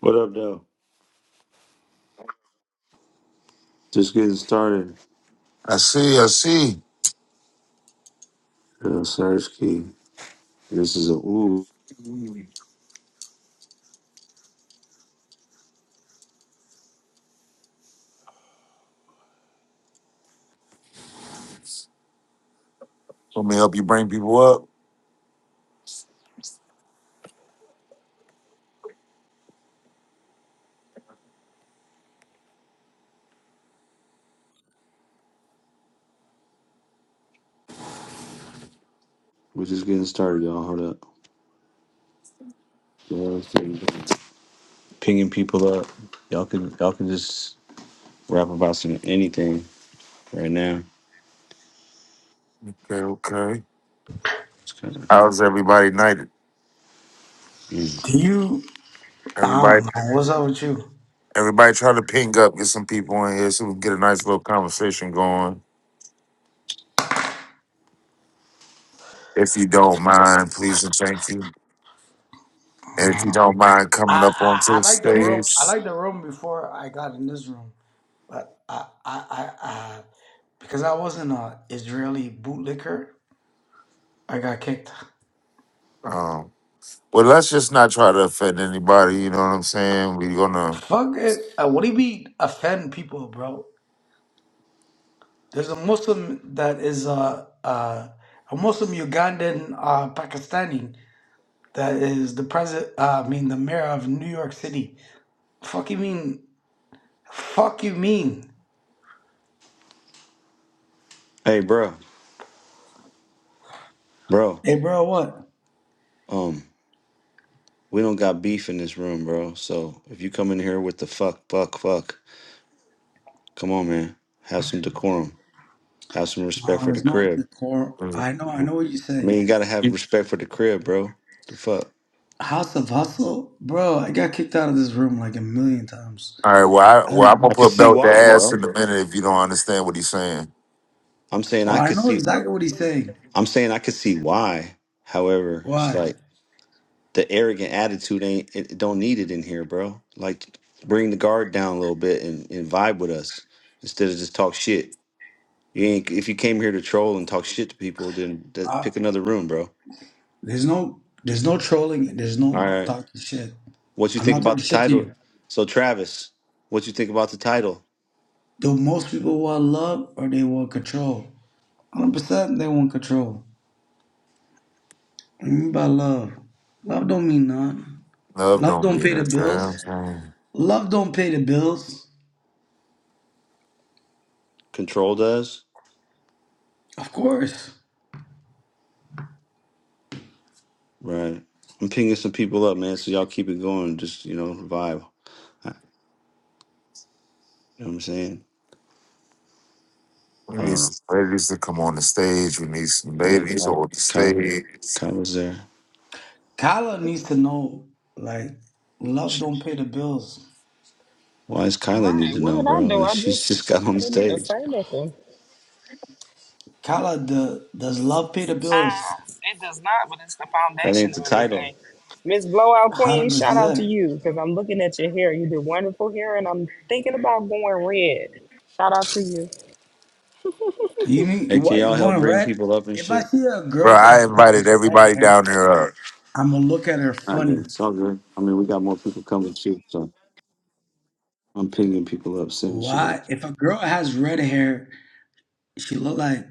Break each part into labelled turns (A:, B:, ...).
A: What up, though? Just getting started.
B: I see, I see.
A: Uh, Search key. This is a ooh.
B: Let me to help you bring people up.
A: We're just getting started, y'all. Hold up. Y'all see- Pinging people up. Y'all can y'all can just rap about some anything right now.
B: Okay, okay.
A: It's kind
B: How's everybody night?
A: of.
C: you? I
B: Everybody
C: don't know. What's up with you?
B: everybody try to ping up, get some people in here so we can get a nice little conversation going. If you don't mind, please and thank you. And if you
C: Uh,
B: don't mind
C: I,
B: coming up
C: I
B: onto
C: I
B: the
C: like the room. I
B: stage.
C: like the room before I got in this room, but I I I, I because I wasn't a Israeli bootlicker, I got kicked.
B: Um well let's just not try to offend anybody, you know what I'm saying? We're gonna
C: Fuck it. Uh, what do you mean offend people, bro? There's a Muslim that is uh, uh, a Muslim Ugandan uh, Pakistani that is the president. Uh, I mean the mayor of New York City. Fuck you mean? Fuck you mean?
A: Hey, bro, bro.
C: Hey, bro, what?
A: Um, we don't got beef in this room, bro. So if you come in here with the fuck, fuck, fuck, come on, man. Have some decorum. Have some respect
C: Uh,
A: for the
C: it's not
A: crib.
C: the core.
B: uh,
C: I know, I know what you're
A: I
C: saying.
A: mean, you gotta have respect for the crib, bro. The fuck.
C: House of Hustle, bro. I got kicked out of this room like a million times.
B: all right, well, I,
C: I
B: well, I'm
C: don't.
B: gonna put belt the ass in a minute if you don't understand what he's saying.
A: I'm saying
C: Oh,
A: I
C: I
A: could
C: know
A: see
C: exactly what he's saying.
A: I'm saying I could see why. However, it's
C: Why?
A: like the arrogant attitude ain't it it don't need it in here, bro. Like bring the guard down a little bit and, and vibe with us instead of just talk shit. You ain't if you came here to troll and talk shit to people, then th-
C: Uh,
A: pick another room, bro.
C: there's no, there's no trolling. and There's
A: All
C: no
A: right.
C: talking shit.
A: What you
C: I'm
A: think
C: not
A: about
C: talking
A: the
C: shit to
A: title?
C: you.
A: So Travis, what you think about the title?
C: Do most people want love or they want control? 100 percent they want control. What do you mean by love? Love don't mean nothing.
B: Love
C: Love
B: don't
C: don't
B: mean
C: pay
B: a
C: the
B: damn
C: bills.
B: thing.
C: Love don't pay the bills.
A: Control does?
C: Of course.
A: Right. I'm pinging some people up, man. So y'all keep it going. Just, you know, vibe. I- You know what I'm saying?
B: We need some ladies to come on the stage. We need some ladies on the stage.
A: Kyla's there.
C: Kyla needs to know like love don't pay the bills.
A: Why does Kyla need
D: Right.
A: to
D: What
A: know,
D: did I
A: bro?
D: do?
A: Like,
D: I
A: she's
D: just
A: just got
D: I
A: on
D: didn't even
A: stage.
D: say nothing.
C: Kyla, the does love pay the
D: Ah,
C: bills?
D: it does not, but it's the
A: That
D: foundation
A: ain't
D: of
A: the title.
D: everything. Miss Blowout Queen,
C: Hundred
D: shout out to
C: percent.
D: you because I'm looking at your hair. You did wonderful hair, and I'm thinking about going red. Shout out to you.
C: You need
A: Hey, can
C: what?
A: y'all
C: You
A: help
C: going
A: bring
C: red?
A: people up and
C: If I
A: shit?
C: see a
B: Bro,
C: girl
B: I
C: that
B: invited
C: does red
B: everybody
C: hair,
B: down there up.
C: I'm gonna look at her
A: All right, man.
C: funny.
A: It's all good. I mean, we got more people coming too, so I'm pinging people up, sending
C: Why?
A: shit.
C: If a girl has red hair, she look like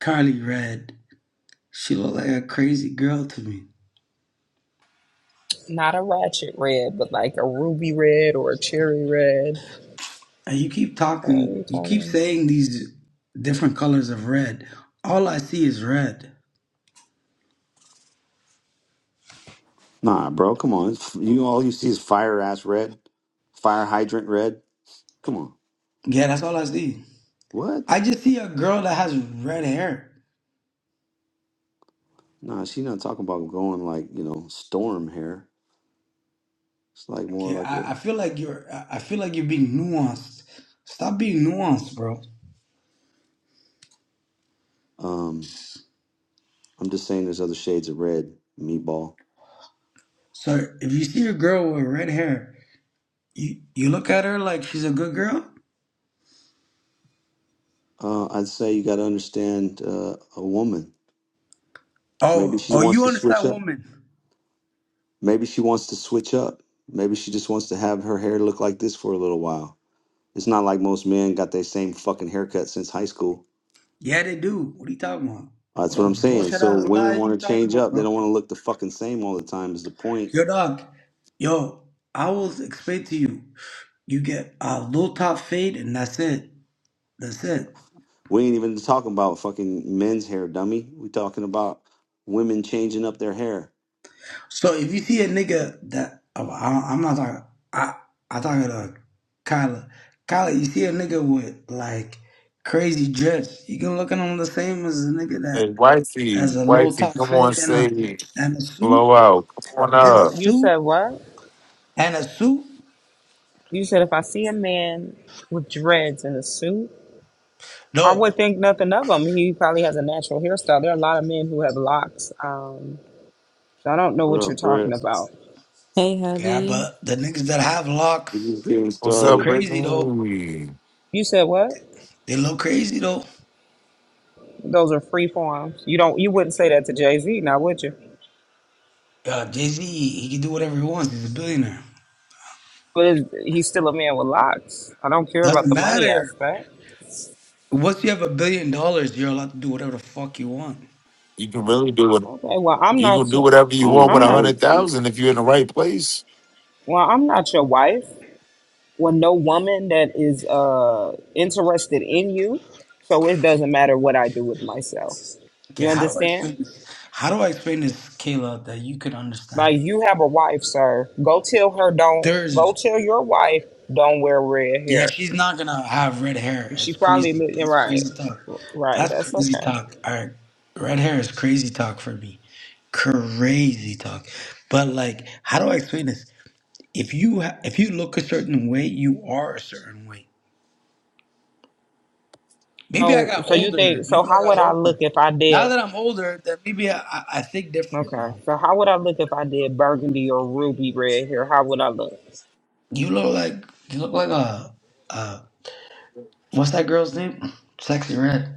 C: Carly Red. She look like a crazy girl to me.
D: Not a ratchet red, but like a ruby red or a cherry red.
C: And you keep
D: What are
C: talking,
D: you
C: you keep
D: talking
C: saying these different colors of red. All I see is red.
A: Nah, bro, come on. It's- You all you see is fire ass red, fire hydrant red. Come on.
C: Yeah, that's all I see.
A: What?
C: I just see a girl that has red hair.
A: Nah, she not talking about going like you know storm hair. It's like more
C: Okay,
A: like
C: I, I
A: a
C: feel like you're I I feel like you're being nuanced. Stop being nuanced, bro.
A: um. I'm just saying, there's other shades of red. Meatball.
C: So if you see a girl with red hair, you you look at her like she's a good girl.
A: Uh, I'd say you got to understand uh, a woman. Maybe
C: Oh,
A: she
C: oh,
A: wants
C: you
A: to switch
C: understand
A: up.
C: women?
A: Maybe she wants to switch up. Maybe she just wants to have her hair look like this for a little while. It's not like most men got their same fucking haircut since high school.
C: Yeah, they do. What are you talking about?
A: Uh, That's
C: What
A: what
C: a
A: I'm saying.
C: bullshit
A: So
C: ass lie
A: women
C: you
A: want to
C: talking
A: change
C: about,
A: up. They
C: bro?
A: don't want to look the fucking same all the time. Is the point?
C: Yo, dog. Yo, I will explain to you. You get a low top fade, and that's it. That's it.
A: We ain't even talking about fucking men's hair, dummy. We talking about women changing up their hair.
C: So if you see a nigga that oh, I, I'm not talking, I I talking to Kyla. Kyla, you see a nigga with like crazy dress, you can look at him the same as a nigga
B: Hey,
C: that
B: wifey,
C: has a low
B: wifey,
C: top
B: come on
C: fade and a
B: stage.
C: and a suit
B: Blow out. Come on
C: and a
D: about?
B: up.
D: You
C: suit
D: said what?
C: and a suit.
D: You said if I see a man with dreads in a suit, I
C: No,
D: would think nothing of him. He probably has a natural hairstyle. There are a lot of men who have locks. Um, so I don't know
A: What
D: what you're
A: up,
D: talking
A: Brett?
D: about.
E: Hey,
C: yeah,
E: hubby.
C: but the niggas that have
A: We
C: locks,
A: just getting
C: they
B: What's
C: look
A: started.
B: up,
C: crazy though.
B: Brittany?
D: You said what?
C: They look crazy though.
D: Those are free forms. You don't. You wouldn't say that to Jay Z, now would you?
C: Uh, Jay Z, he can do whatever he wants. He's a billionaire.
D: But it- he's still a man with locks. I don't care about
C: Doesn't
D: the money
C: matter.
D: aspect.
C: Once you have a billion dollars, you're allowed to do whatever the fuck you want.
B: You can really do it.
D: Okay. Well, I'm
B: You can
D: not.
B: do
D: your-
B: whatever you want with
D: I'm
B: a
A: on
D: not.
A: everything.
B: hundred thousand if you're in the right place.
D: Well, I'm not your wife. Well, no woman that is uh interested in you. So it doesn't matter what I do with myself.
C: Okay,
D: You
C: how do I
D: understand?
C: explain this? How do I explain this, Kayla, that you could understand
D: Like
C: it?
D: you have a wife, sir. Go tell her don't. Go
C: There's,
D: tell your wife don't wear red
C: yeah,
D: hair.
C: she's not gonna have red hair.
D: And she
C: It's
D: probably
C: crazy.
D: looking
C: That's
D: right.
C: crazy talk.
D: Right.
C: That's
D: That's
C: crazy
D: okay.
C: talk. All right, red hair is crazy talk for me. Crazy talk. But like, how do I explain this? If you ha- if you look a certain way, you are a certain way. Maybe I
D: Oh,
C: got
D: so you
C: older.
D: think? So
C: Maybe I
D: how
C: got
D: would I look
C: older.
D: if I
C: Now
D: did?
C: that I'm older, that maybe I, I I think different
D: Okay.
C: now.
D: So how would I look if I did burgundy or ruby red hair? How would I look?
C: You look like you look like a, a What's that girl's name? Sexy Red.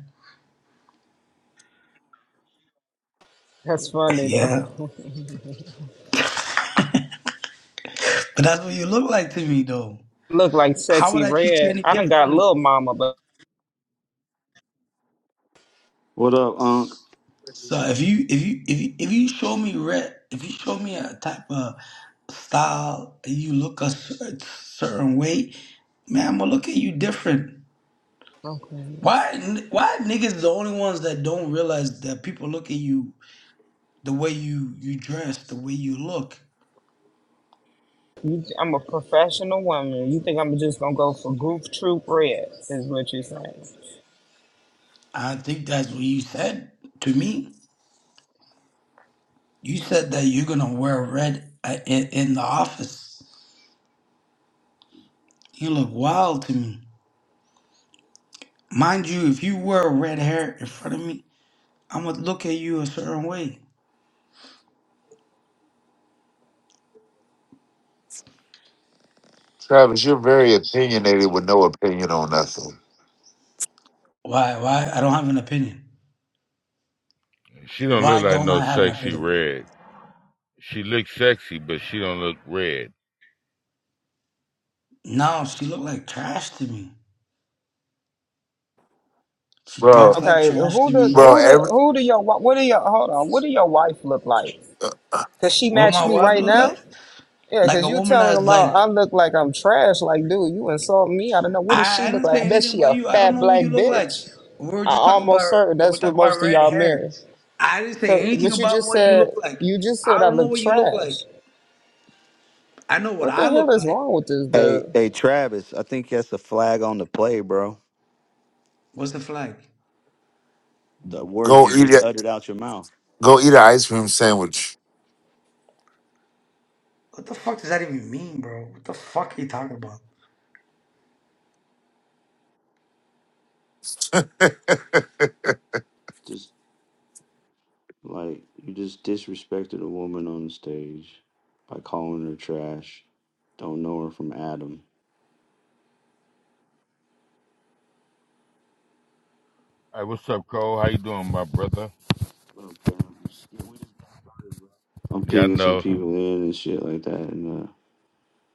D: That's funny though.
C: Yeah, but that's what you look like to me, though.
D: Look like
C: How would
D: sexy
C: I treat you
D: red.
C: any
D: I done got
C: differently?
D: little mama, but
A: What up, Unc?
C: So if you if you if you if you show me red, if you show me a type of style, and you look a cer- certain way, man, I'm gonna look at you different.
D: okay.
C: Why n- why niggas the only ones that don't realize that people look at you the way you you dress, the way you look?
D: You, I'm a professional woman. You think I'm just gonna go for goof troop red? Is what you're saying?
C: I think that's what you said to me. You said that you're gonna wear red uh, in, in the office. You look wild to me. Mind you, if you wear red hair in front of me, I'm gonna look at you a certain way.
B: Travis, you're very opinionated with no opinion on nothing.
C: Why? Why? I don't have an opinion.
F: She don't look
C: Why
F: like
C: don't
F: no
C: I have an
F: sexy
C: opinion?
F: red. She look sexy, but she don't look red.
C: No, she looked like trash to me. She talks
B: Bro,
C: like
D: Okay,
C: trash
D: who
C: to
D: does
C: me.
B: bro,
D: who do
B: every,
D: who do your wi- what do your hold on? What do your wife look like? Cause she
C: What
D: matched
C: my
D: me
C: wife
D: right
C: look
D: now.
C: like?
D: Yeah,
C: Like
D: cause
C: a
D: you
C: woman
D: telling
C: that's
D: them
C: like
D: out I look like I'm trash. Like, dude, you insult me. I don't know. What does she
C: I, I
D: look
C: didn't
D: like? I
C: say
D: bet
C: anything
D: she
C: about
D: a
C: you. I don't
D: fat
C: know what
D: black
C: you look like.
D: bitch.
C: We were
D: I
C: just talking about
D: almost certain
C: we are
D: that's what
C: talking about
D: most of
C: red
D: y'all
C: hair.
D: marries.
C: I didn't say
D: So,
C: anything
D: but you
C: about
D: just
C: what you
D: said
C: look like.
D: you just said
C: I
D: I
C: don't know
D: look
C: what you look
D: trash.
C: like. I know what
D: What the
C: I
D: hell
C: look
D: is
C: like.
D: wrong with this dude?
A: Hey, hey, Travis. I think that's a flag on the play, bro.
C: What's the flag?
A: The words
B: go eat a,
A: uttered out your mouth.
B: go eat an ice cream sandwich.
C: What the fuck does that even mean, bro? What the fuck are you talking about?
A: just like you just disrespected a woman on the stage by calling her trash. Don't know her from Adam.
F: Hey, what's up, Cole? How you doing, my brother?
A: I'm
F: Yeah, I
A: pinging some
F: know.
A: people in and shit like that, and uh,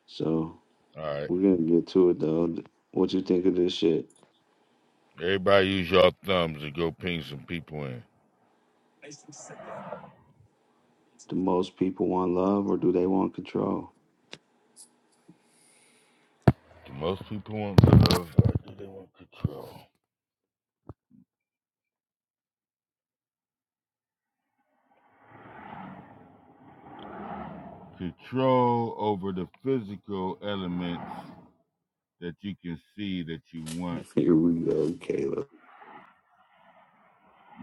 A: so
F: All right.
A: we're gonna get to it though. What you think of this shit?
F: Everybody use your thumbs and go ping some people in.
A: Do most people want love or do they want control?
F: Do most people want love? Or do they want control? Control over the physical elements that you can see that you want.
A: Here we go, Caleb.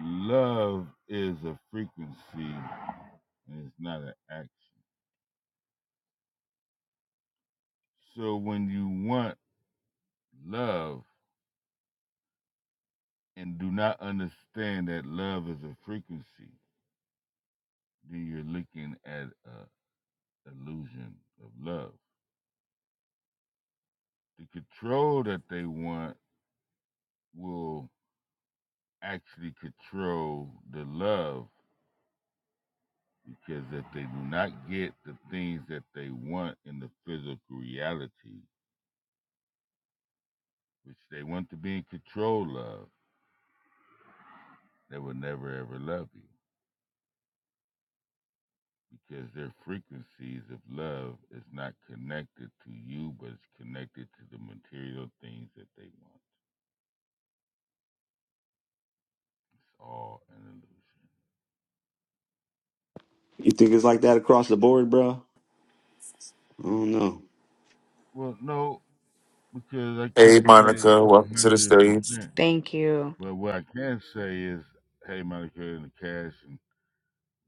F: Love is a frequency and it's not an action. So when you want love, and do not understand that love is a frequency, then you're looking at an illusion of love. The control that they want will actually control the love because if they do not get the things that they want in the physical reality, which they want to be in control of, they will never ever love you because their frequencies of love is not connected to you, but it's connected to the material things that they want. It's all an illusion.
A: You think it's like that across the board, bro? I don't know.
F: Well, no, because I
B: Hey,
F: can't say
B: Monica, welcome to the
F: hundred
B: stage.
F: percent.
G: Thank you.
F: But what I can say is, hey, Monica, in the cash. And,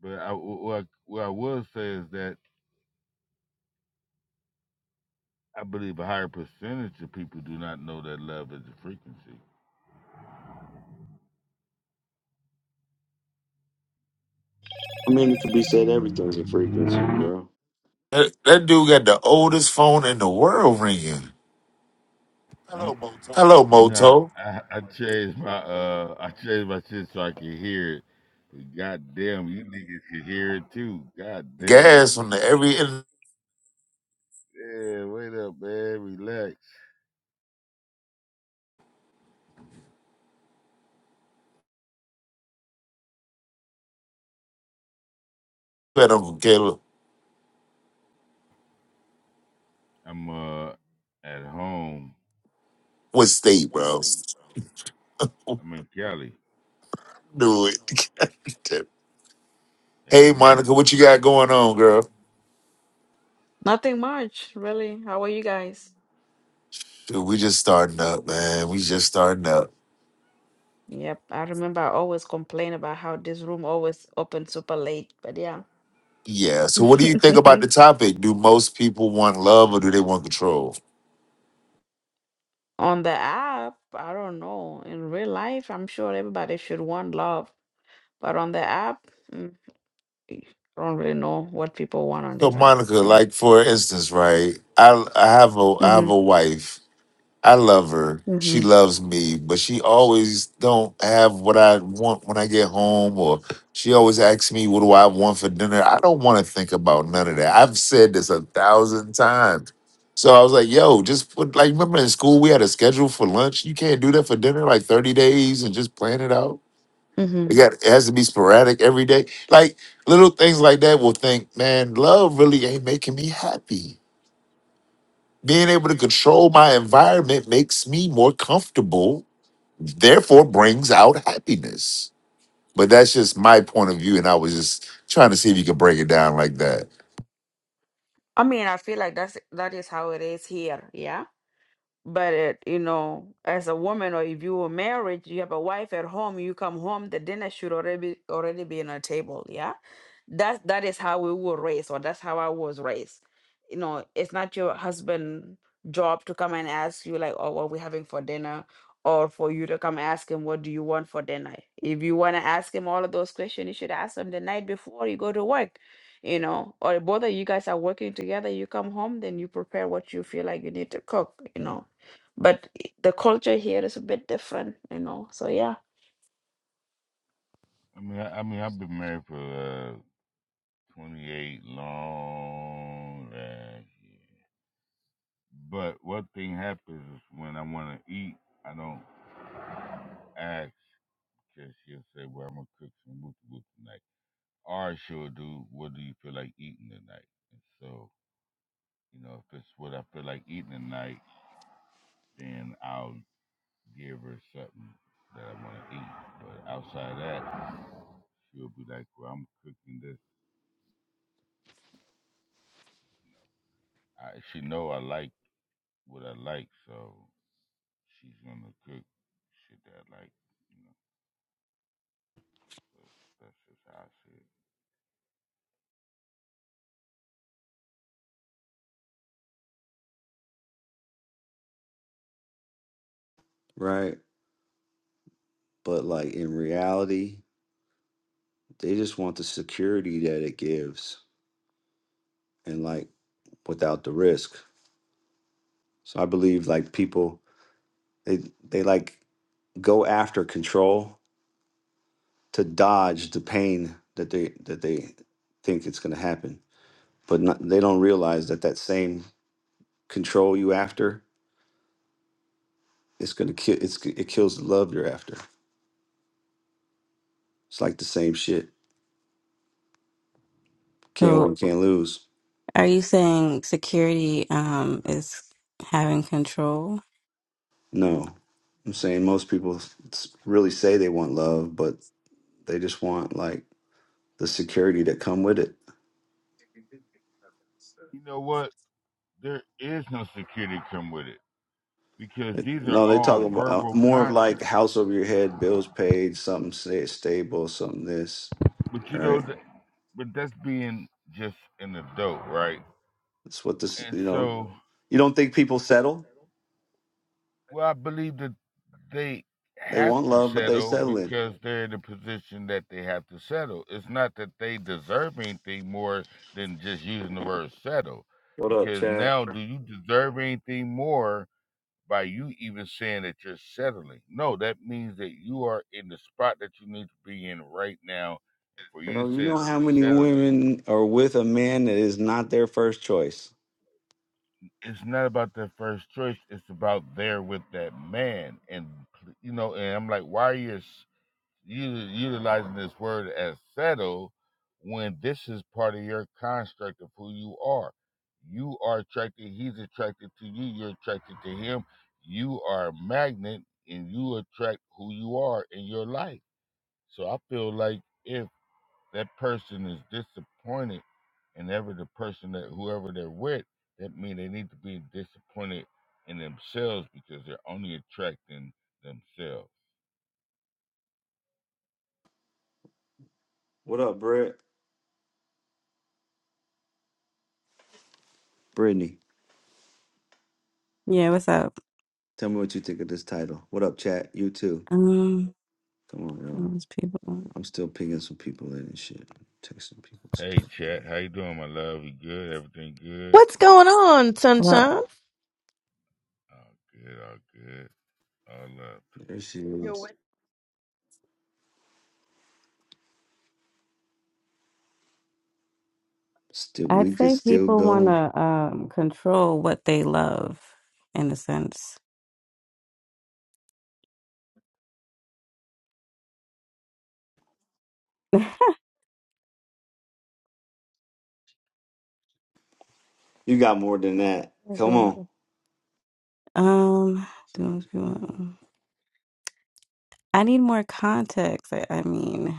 F: but I, what, I, what I will say is that I believe a higher percentage of people do not know that love is a frequency.
A: I mean, it could be said everything's a frequency, bro.
B: That, that dude got the oldest phone in the world ringing. Hello,
F: No,
B: Moto.
F: I, I changed my uh, I changed my shit so I could hear it. But goddamn, you niggas can hear it too. Goddamn, let
B: Gas
F: me-
B: on the every end.
F: yeah, wait up, man, relax.
B: I don't care
F: I'm uh at home
B: what state, bro.
F: I'm in Cali,
B: Do it. hey,
F: LA.
B: Monica, what you got going on, girl?
G: Nothing much, really. How are you guys?
B: Dude, we just starting up, man. We just starting up.
G: Yep, I remember I always complain about how this room always open super late, but yeah.
B: Yeah. So, what do you think about the topic? Do most people want love or do they want control?
G: On the app, I don't know. In real life, I'm sure everybody should want love, but on the app, mm, I don't really know what people want on
B: So,
G: this app.
B: Monica,
G: So,
B: like for instance, right? I I have a I
G: hmm
B: have a wife I love her. She
G: hmm
B: loves me, but she always don't have what I want when I get home, or she always asks me, "What do I want for dinner?" I don't want to think about none of that. I've said this a thousand times. So I was like, "Yo, just put like remember in school we had a schedule for lunch. You can't do that for dinner, like thirty days, and just plan it out.
G: hmm
B: It got it has to be sporadic every day. Like little things like that. Will think, man, love really ain't making me happy." Being able to control my environment makes me more comfortable, therefore brings out happiness. But that's just my point of view, and I was just trying to see if you could break it down like that.
G: I mean, I feel like that's that is how it is here. yeah? But it, you know, as a woman or if you were married, you have a wife at home, you come home, the dinner should already be, already be on a table, yeah? That that is how we were raised, or that's how I was raised. You know, it's not your husband' job to come and ask you like, oh, what are we having for dinner? Or for you to come ask him, what do you want for dinner? If you want to ask him all of those questions, you should ask him the night before you go to work, you know. Or if both of you guys are working together, you come home, then you prepare what you feel like you need to cook, you know but the culture here is a bit different you know so yeah
F: I mean, I, I mean, I've been married for uh, 28 long ass years. But what thing happens is when I want to eat, I don't ask because she'll say, "Well, I'm gonna cook some woo woo tonight," or she'll do, "What do you feel like eating tonight?" And so, you know, if it's what I feel like eating tonight, then I'll give her something that I want to eat. But outside that, she'll be like, "Well, I'm cooking this." No, I, she know I like what I like, so she's gonna cook shit that I like. You know, so that's just how I see it.
A: Right? But like in reality, They just want the security that it gives and like without the risk. So I believe like people they they like go after control to dodge the pain that they that they think it's going to happen. But not, they don't realize that that same control you after it's going to kill it's it kills the love you're after. It's like the same shit. Can't
E: So,
A: win, can't lose.
E: are you saying security um is having control?
A: No. I'm saying most people s- really say they want love, but they just want like the security that come with it.
F: You know what? There is no security come with it because these are No,
A: No, they
F: all
A: talk about uh,
F: verbal
A: more of
F: contracts.
A: like house over your head, bills paid, something sta- stable, something this.
F: But you
A: All
F: know,
A: right,
F: th- but that's being just an adult, right?
A: that's what this.
F: And
A: You know,
F: so.
A: you don't think people settle?
F: Well, I believe that they
A: They
F: have
A: want
F: to
A: love, but they
F: settle
A: settling.
F: because they're in a position that they have to settle. It's not that they deserve anything more than just using the word settle.
A: What up,
F: Because
A: Chad?
F: now, do you deserve anything more by you even saying that you're settling? No, that means that you are in the spot that you need to be in right now. And for you
A: Bro,
F: to
A: you
F: say
A: know
F: that
A: how
F: you're
A: many
F: settling,
A: women are with a man that is not their first choice?
F: it's not about their first choice. It's about there with that man. And, you know, and I'm like, why are you you utilizing this word as settle when this is part of your construct of who you are. You are attracted, he's attracted to you, you're attracted to him. You are a magnet and you attract who you are in your life. So I feel like if that person is disappointed and ever the person that whoever they're with, that means they need to be disappointed in themselves because they're only attracting themselves.
A: What up, Brett? Brittany,
E: Yeah, what's up?
A: tell me what you think of this title. What up, chat? You too.
E: Um,
A: Come on, y'all.
E: those people.
A: I'm still pinging some people in and shit. Texting people.
F: Hey,
A: texting.
F: chat. How you doing, my love? You good? Everything good?
H: What's going on,
E: Well,
H: sunshine?
F: All good. All good. All love to
A: There she is. Still,
E: I'd
A: we could
E: say
A: still
E: people want
A: go.
E: to um control what they love, in a sense.
A: You got more than that. Come on.
E: Mhm. Um, those people. I need more context. I, I mean,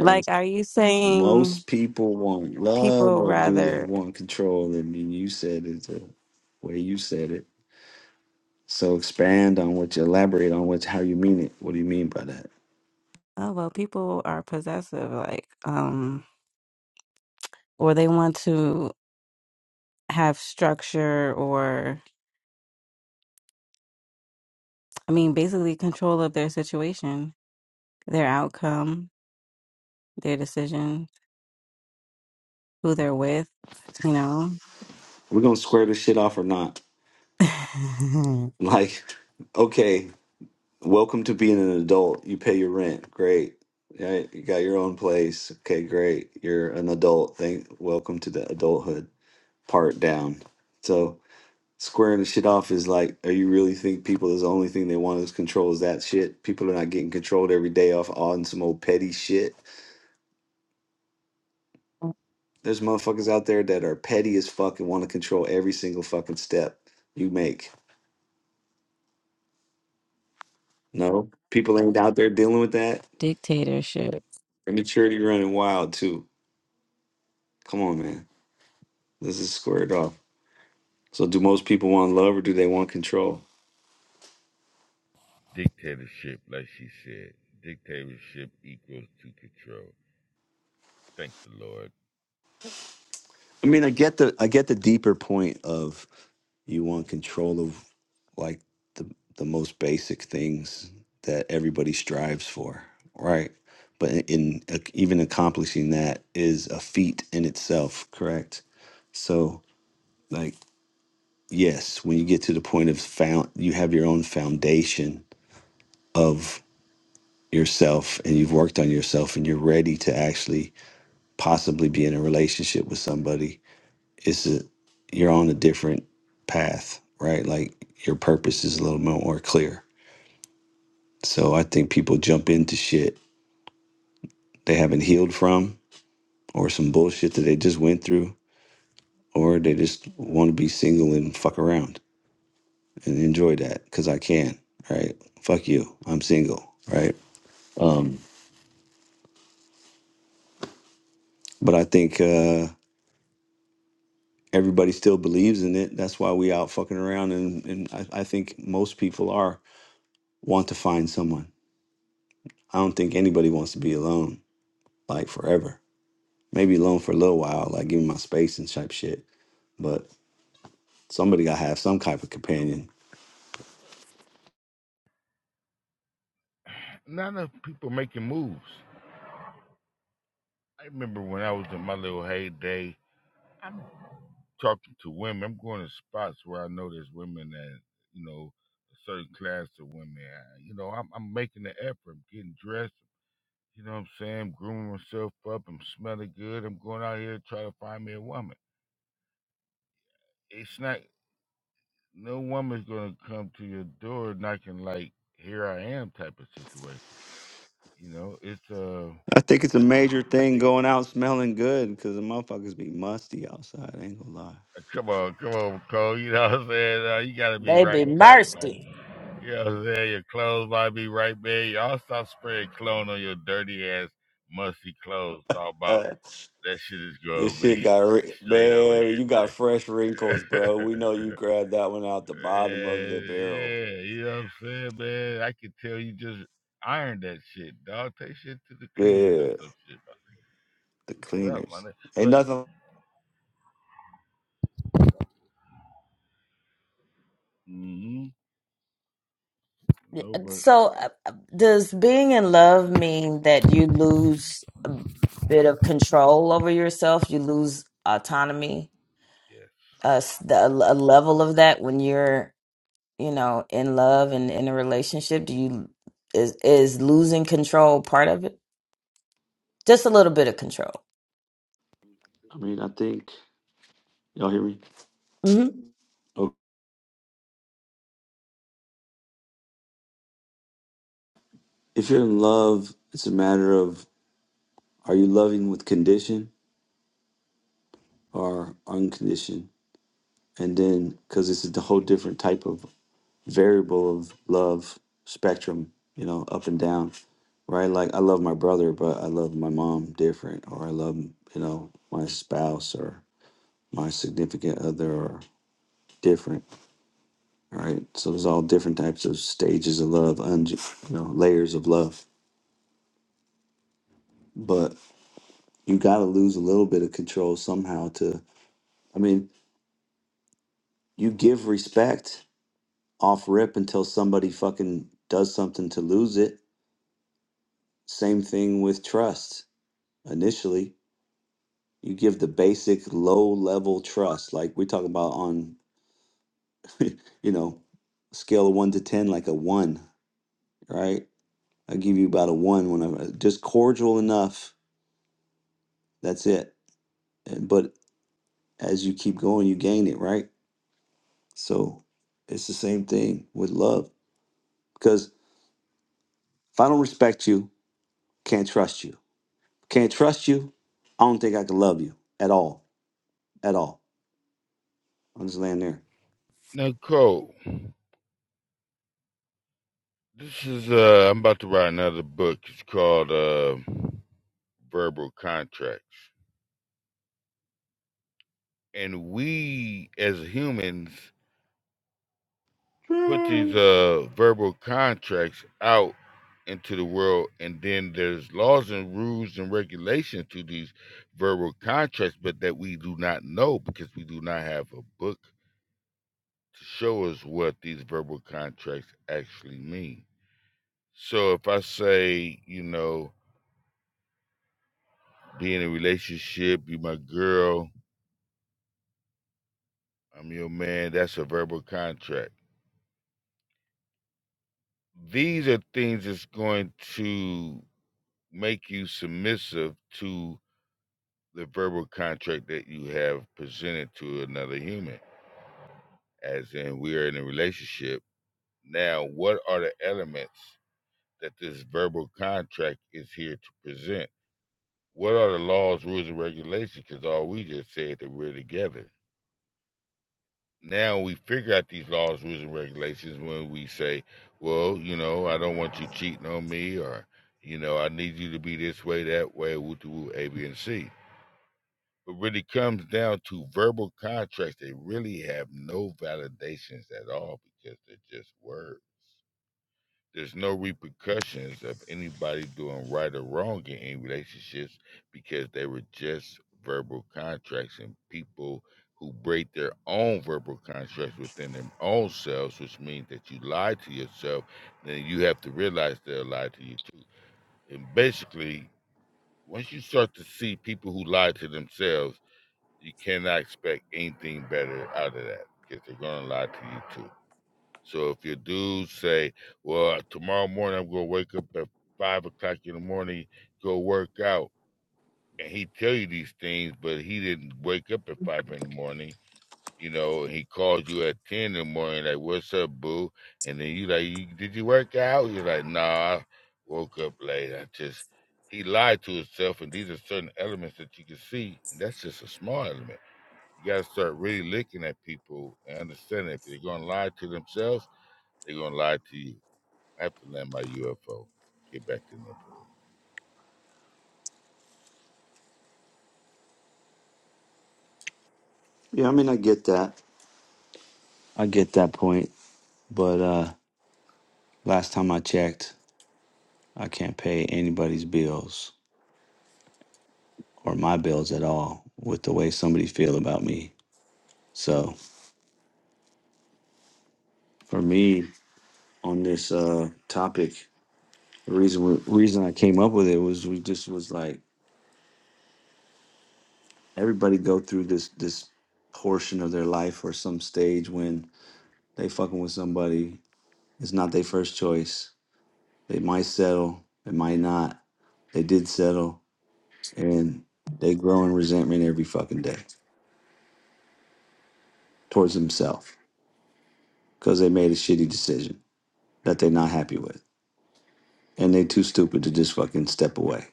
E: like, are you saying
A: Most people want love
E: people
A: or do they
E: rather?
A: want control? And then you said it the way you said it. So expand on what you elaborate on what how you mean it. What do you mean by that?
E: Oh well, people are possessive. Like, um, or they want to. have structure or, I mean, basically control of their situation, their outcome, their decision, who they're with, you know?
A: We're gonna square this shit off or not. Like, okay, welcome to being an adult. You pay your rent. Great. Right? You got your own place. Okay, great. You're an adult. Thank welcome to the adulthood part down. So. squaring the shit off is like, are you really think people is the only thing they want is control is that shit? People are not getting controlled every day off on some old petty shit. There's motherfuckers out there that are petty as fuck and want to control every single fucking step you make. No, people ain't out there dealing with that.
E: Dictatorship.
A: Immaturity running wild too. Come on, man. This is squared off. So, do most people want love or do they want control?
F: you. Dictatorship, like she said. Dictatorship equals to control. Thank the Lord.
A: I mean, I get the I get the deeper point of You want control of like the the most basic things that everybody strives for, right? But in, in ac- even accomplishing that is a feat in itself, correct? So, like, yes, when you get to the point of found, you have your own foundation of yourself, and you've worked on yourself, and you're ready to actually possibly be in a relationship with somebody. It's a you're on a different path, right? Like your purpose is a little bit more clear. So I think people jump into shit they haven't healed from, or some bullshit that they just went through, or they just want to be single and fuck around and enjoy that because I can, right? Fuck you, I'm single, right? But I think uh, everybody still believes in it. That's why we out fucking around, and, and I, I think most people are want to find someone. I don't think anybody wants to be alone like forever. Maybe alone for a little while, like give me my space and type shit. But somebody gotta have some type of companion
F: Not enough people making moves. I remember when I was in my little heyday. I'm talking to women. I'm going to spots where I know there's women that you know a certain class of women. I- You know, I'm, I'm making the effort. I'm getting dressed. You know what I'm saying? I'm grooming myself up. I'm smelling good. I'm going out here to try to find me a woman. It's not, no woman's going to come to your door knocking like, here I am type of situation. You know, it's, uh,
A: I think it's a major thing going out smelling good because the motherfuckers be musty outside. I ain't gonna lie.
F: uh, come on, come on, Cole. You know what I'm saying? Uh, you got to be
H: They
F: right
H: be
F: and tight, man.
H: mercy.
F: You know what I'm saying? Your clothes might be right there. Y'all stop spraying cologne on your dirty ass, musty clothes. All about
A: Uh,
F: that shit is going
A: this
F: to be
A: shit got ri-
F: straight over
A: man. You
F: here.
A: got fresh wrinkles, bro. We know you grabbed that one out the bottom of
F: Yeah,
A: the barrel.
F: yeah, you know what I'm saying, man? I can tell you just iron that shit, dog. Take shit to the cleaners or
A: Yeah,
F: some shit. dog.
A: the
F: Do something, my
A: cleaners.
F: nigga.
A: Ain't
F: But,
A: nothing.
F: mm-hmm, no, but,
H: So, uh, uh, does being in love mean that you lose a bit of control over yourself? You lose autonomy,
F: yes.
H: uh, s- the, a l- a level of that when you're, you know, in love and in a relationship. Do you is is losing control part of it? Just a little bit of control.
A: I mean, I think y'all hear me.
H: hmm
A: Oh, If you're in love, it's a matter of are you loving with condition or unconditioned, and then because it's a whole different type of variable of love spectrum, you know, up and down, right? Like I love my brother, but I love my mom different, or I love, you know, my spouse or my significant other or different, right? So there's all different types of stages of love, un- you know, layers of love. But you got to lose a little bit of control somehow to, I mean, you give respect off rip until somebody fucking does something to lose it. Same thing with trust initially You give the basic low level trust, like we're talking about on, you know, scale of one to 10, like a one, right? I give you about a one when I'm uh, just cordial enough. That's it. And- But as you keep going, you gain it, right? So it's the same thing with love. Because if I don't respect you, can't trust you. Can't trust you, I don't think I can love you at all. At all. I'm just laying there.
F: Now, Cole, this is, uh, I'm about to write another book. It's called, uh, Verbal Contracts. And we, as humans, put these
A: Hmm.
F: uh verbal contracts out into the world and then there's laws and rules and regulations to these verbal contracts but that we do not know because we do not have a book to show us what these verbal contracts actually mean so if i say you know be in a relationship you my girl i'm your man that's a verbal contract these are things that's going to make you submissive to the verbal contract that you have presented to another human, as in we are in a relationship. Now, what are the elements that this verbal contract is here to present? What are the laws, rules, and regulations? Because all we just said that we're together. Now we figure out these laws, rules, and regulations when we say, well, you know, I don't want you cheating on me, or, you know, I need you to be this way, that way, woo, to woo, A, B, and C But when It really comes down to verbal contracts. They really have no validations at all because they're just words. There's no repercussions of anybody doing right or wrong in any relationships because they were just verbal contracts and people who break their own verbal contracts within their own selves, which means that you lie to yourself, then you have to realize they're lie to you too. And basically, once you start to see people who lie to themselves, you cannot expect anything better out of that because they're going to lie to you too. So if your dudes say, well, tomorrow morning I'm going to wake up at five o'clock in the morning, go work out, and he tell you these things, but he didn't wake up at five in the morning, you know, and he calls you at 10 in the morning, like, what's up, boo? And then you like, you, did you work out? You're like, nah, I woke up late. I just, he lied to himself, and these are certain elements that you can see, and that's just a small element you got to start really looking at people and understanding if they're going to lie to themselves, they're going to lie to you. I have to land my UFO. Get back to Nepal.
A: Yeah, I mean, I get that. I get that point. But uh Last time I checked, I can't pay anybody's bills or my bills at all with the way somebody feel about me. So for me on this uh, topic, the reason we, reason I came up with it was we just was like everybody go through this this portion of their life or some stage when they fucking with somebody. It's not their first choice. They might settle. They might not. They did settle, and they grow in resentment every fucking day towards themselves because they made a shitty decision that they're not happy with. And they too stupid to just fucking step away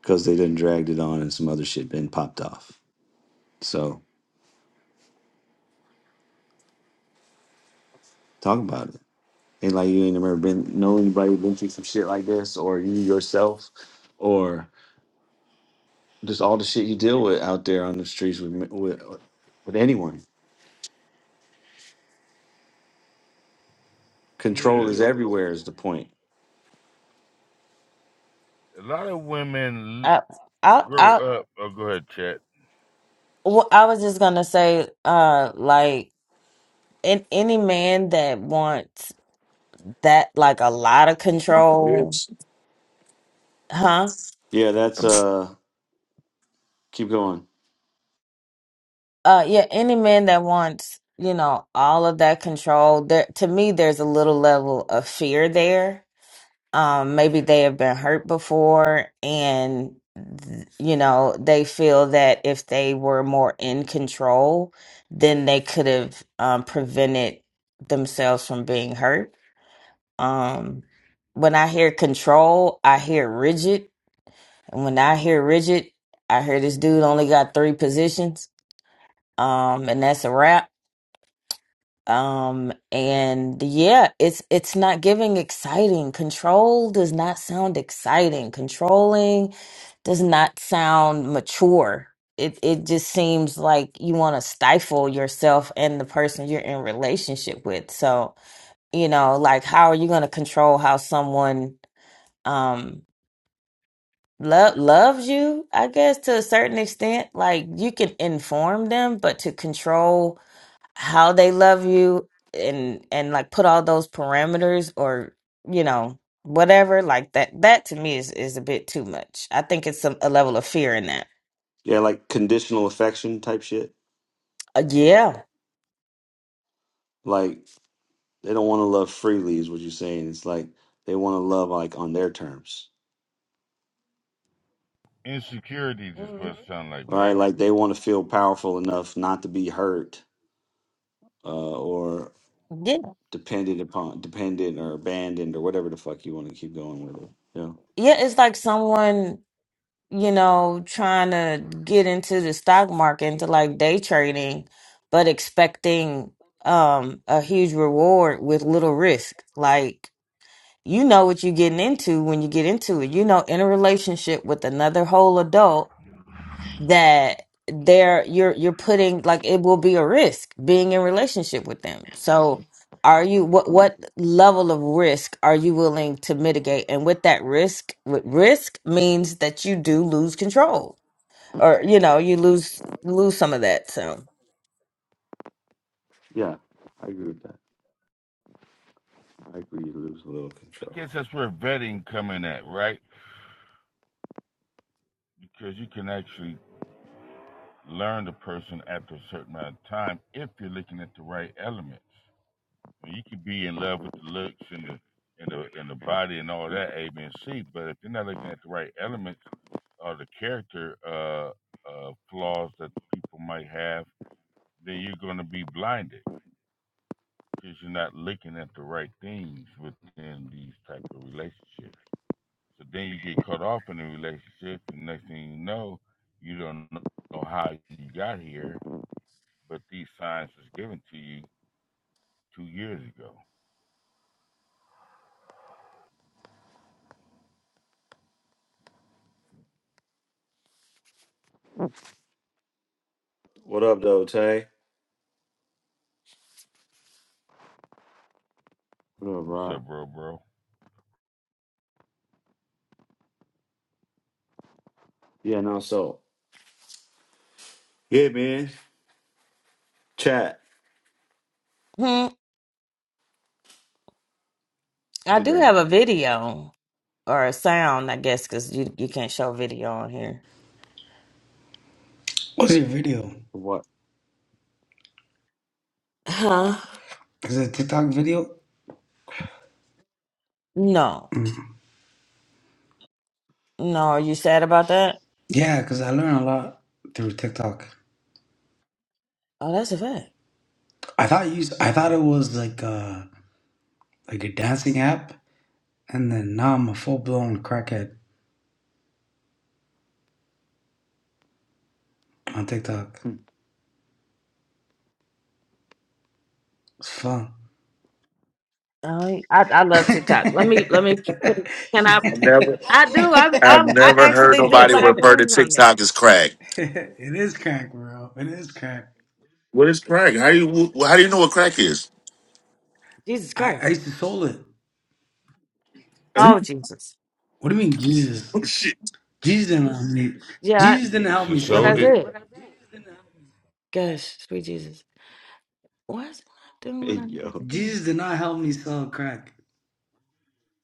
A: because they done dragged it on and some other shit been popped off. So talk about it. Ain't like you ain't never been know anybody who been through some shit like this or you yourself or just all the shit you deal with out there on the streets with with, with anyone.
F: Yeah.
A: Control is everywhere is the point.
F: A lot of women
H: I I
F: grow
H: I
F: up. Oh, go ahead, Chet.
H: well, I was just gonna say, uh, like, in any man that wants that like a lot of control huh
A: Yeah, that's uh keep going.
H: uh yeah any man that wants you know all of that control there to me there's a little level of fear there um maybe they have been hurt before and th- you know they feel that if they were more in control then they could have um prevented themselves from being hurt um when i hear control i hear rigid And when I hear rigid, I hear this dude only got three positions, um, and that's a wrap. Um, and yeah, it's it's not giving exciting. Control does not sound exciting. Controlling does not sound mature. It it just seems like you want to stifle yourself and the person you're in relationship with. So you know, like how are you going to control how someone? um, Love loves you, I guess, to a certain extent. Like you can inform them, but to control how they love you and and like put all those parameters or you know whatever like that. That to me is is a bit too much. I think it's some a level of fear in that.
A: Yeah, like conditional affection type shit.
H: Uh, yeah,
A: Like They don't want to love freely, is what you're saying. It's like they want to love like on their terms,
F: Insecurities is mm-hmm. what it sound like,
A: right?
F: right?
A: Like they want to feel powerful enough not to be hurt uh, or
H: yeah,
A: dependent upon, dependent or abandoned or whatever the fuck you want to keep going with it. Yeah,
H: yeah. It's like someone you know, trying to get into the stock market, into like day trading, but expecting um a huge reward with little risk. Like you know what you're getting into when you get into it. You know, in a relationship with another whole adult that there you're you're putting like it will be a risk being in relationship with them. So are you what what level of risk are you willing to mitigate? And with that risk, with risk means that you do lose control or you know you lose lose some of that so
A: yeah, I agree with that. I agree. You lose a little
F: I
A: control.
F: guess that's where vetting come in at, right? Because you can actually learn the person after a certain amount of time if you're looking at the right elements. And you can be in love with the looks and the and the and the body and all that, A, B, and C. But if you're not looking at the right elements or the character uh, uh, flaws that people might have, then you're going to be blinded because you're not looking at the right things within these type of relationships. So then you get caught off in the relationship, and next thing you know, you don't know how you got here, but these signs was given to you two years ago.
A: What up, though, Tay? What up,
F: What's
A: Rob?
F: up, bro, bro?
A: Yeah, no. So yeah, man. Chat.
H: hmm,
A: What
H: i
A: you
H: do
A: doing?
H: have a video or a sound i guess because you, you can't show video on here
C: What's your video?
A: What?
H: Huh?
C: Is it a TikTok video?
H: no
C: Mm.
H: no are you sad about that
C: Yeah, cause I learned a lot through TikTok.
H: oh that's a fact
C: I thought you, I thought it was like a like a dancing app, and then now I'm a full blown crackhead on TikTok.
A: hey,
C: It's fun.
H: oh, i i love tiktok let me let me put it- can i
B: I've never,
H: i do i'm,
B: I've
H: i i
B: never heard
H: actually do
B: nobody
H: live
B: refer to
H: rooms on there
B: TikTok as crack.
C: it is crack, bro. It is crack.
B: What is crack? How do you, how do you know what crack is?
H: jesus
C: I, I
H: christ
C: used to sell it.
H: oh
B: oh
H: jesus
C: What do you mean, Jesus?
B: shit,
C: Jesus didn't help me.
H: yeah
C: Jesus
H: I,
F: You
C: didn't
F: Yeah, you
C: help me
F: should
H: what i
F: sold
C: sell
F: it
C: it.
H: said gosh sweet jesus why is it not doing what i needed to
A: yo.
H: do
C: Jesus did not help me sell crack.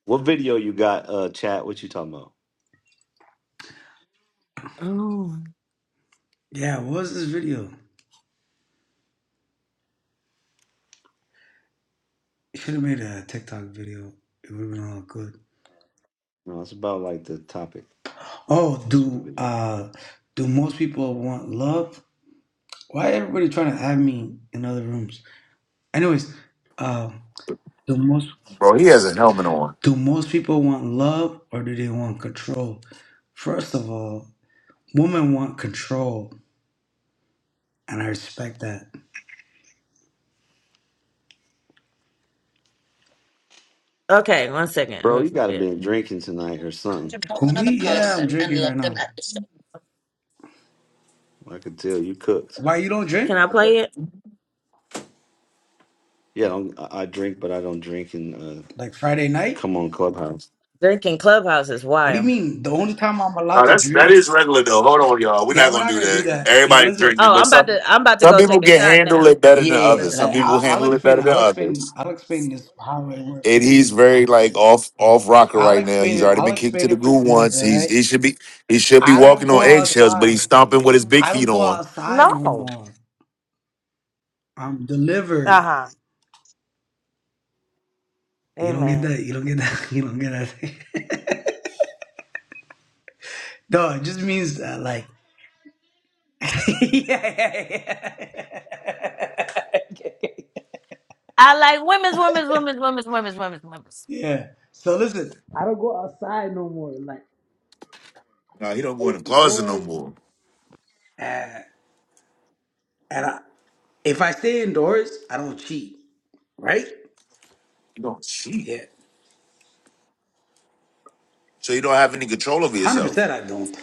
A: What video you got? Uh, chat. What you talking about?
H: Oh.
C: Yeah, what was this video? You Should have made a TikTok video. It would have been all good.
A: No, it's about like the topic.
C: Oh,
A: That's what the
C: do
A: video. is.
C: uh, do most people want love? Why everybody trying to add me in other rooms? Anyways, uh, do most?
B: bro, he has a helmet on.
C: Do most people want love or do they want control? First of all, women want control, and I respect that.
H: Okay, one second.
A: Bro, you
H: Let me
A: gotta
H: play it.
A: been drinking tonight or something.
C: Who me? Yeah, I'm drinking right now.
A: I could tell you cooked.
C: Why you don't drink?
H: Can I play it?
A: Yeah, I, don't, I I drink, but I don't drink and uh,
C: Like Friday night?
A: come on Clubhouse.
H: Drinking Clubhouse is
C: What do you
H: wild.
C: mean? The only time I'm
B: No,
C: allowed to
B: that's that
C: drink?
B: is regular though. Hold on, y'all. We're
C: Yeah,
B: not
C: we're
B: gonna
C: not
B: do
C: gonna do
B: that.
C: that. Yo,
B: Everybody
C: listen.
B: drinking,
H: Oh,
B: but
H: I'm about
B: some
H: to I'm about to
B: some
H: go
B: people
H: take a
B: can
H: shot
B: handle
H: now.
B: it better than
C: Yeah,
B: others. Some
C: like
B: people
C: I, I'll
B: handle it
C: explain.
B: better than
C: I'll
B: others.
C: explain. I'll explain this how it works for
B: and
C: me.
B: he's very like off off rocker
C: I'll
B: right now.
C: explain
B: He's
C: it.
B: already
C: I'll
B: been kicked to
C: explain
B: the
C: it for you
B: goo
C: guys.
B: once.
C: All
B: He's
C: right.
B: he should be he should be
C: I
B: walking
C: don't
B: on
C: go
B: eggshells, but he's
C: outside.
B: stomping with his big
C: I
B: feet
C: don't go
B: on.
C: outside no
H: No.
C: more. I'm delivered.
H: Uh-huh.
C: You don't get
H: Amen.
C: that. You don't get that. You don't get that. no, it just means uh, like. yeah, yeah, yeah.
H: I like women's, women's, women's, women's, women's, women's, women's.
C: Yeah. So listen, I don't go outside no more. Like
B: Nah, he don't go
C: stay
B: in the closet no
C: indoors.
B: more.
C: Uh, and I, if I stay indoors, I don't cheat. Right?
B: He don't cheat,
C: Yeah.
B: so you don't have any control over
C: Hundred
B: yourself.
C: percent, I don't.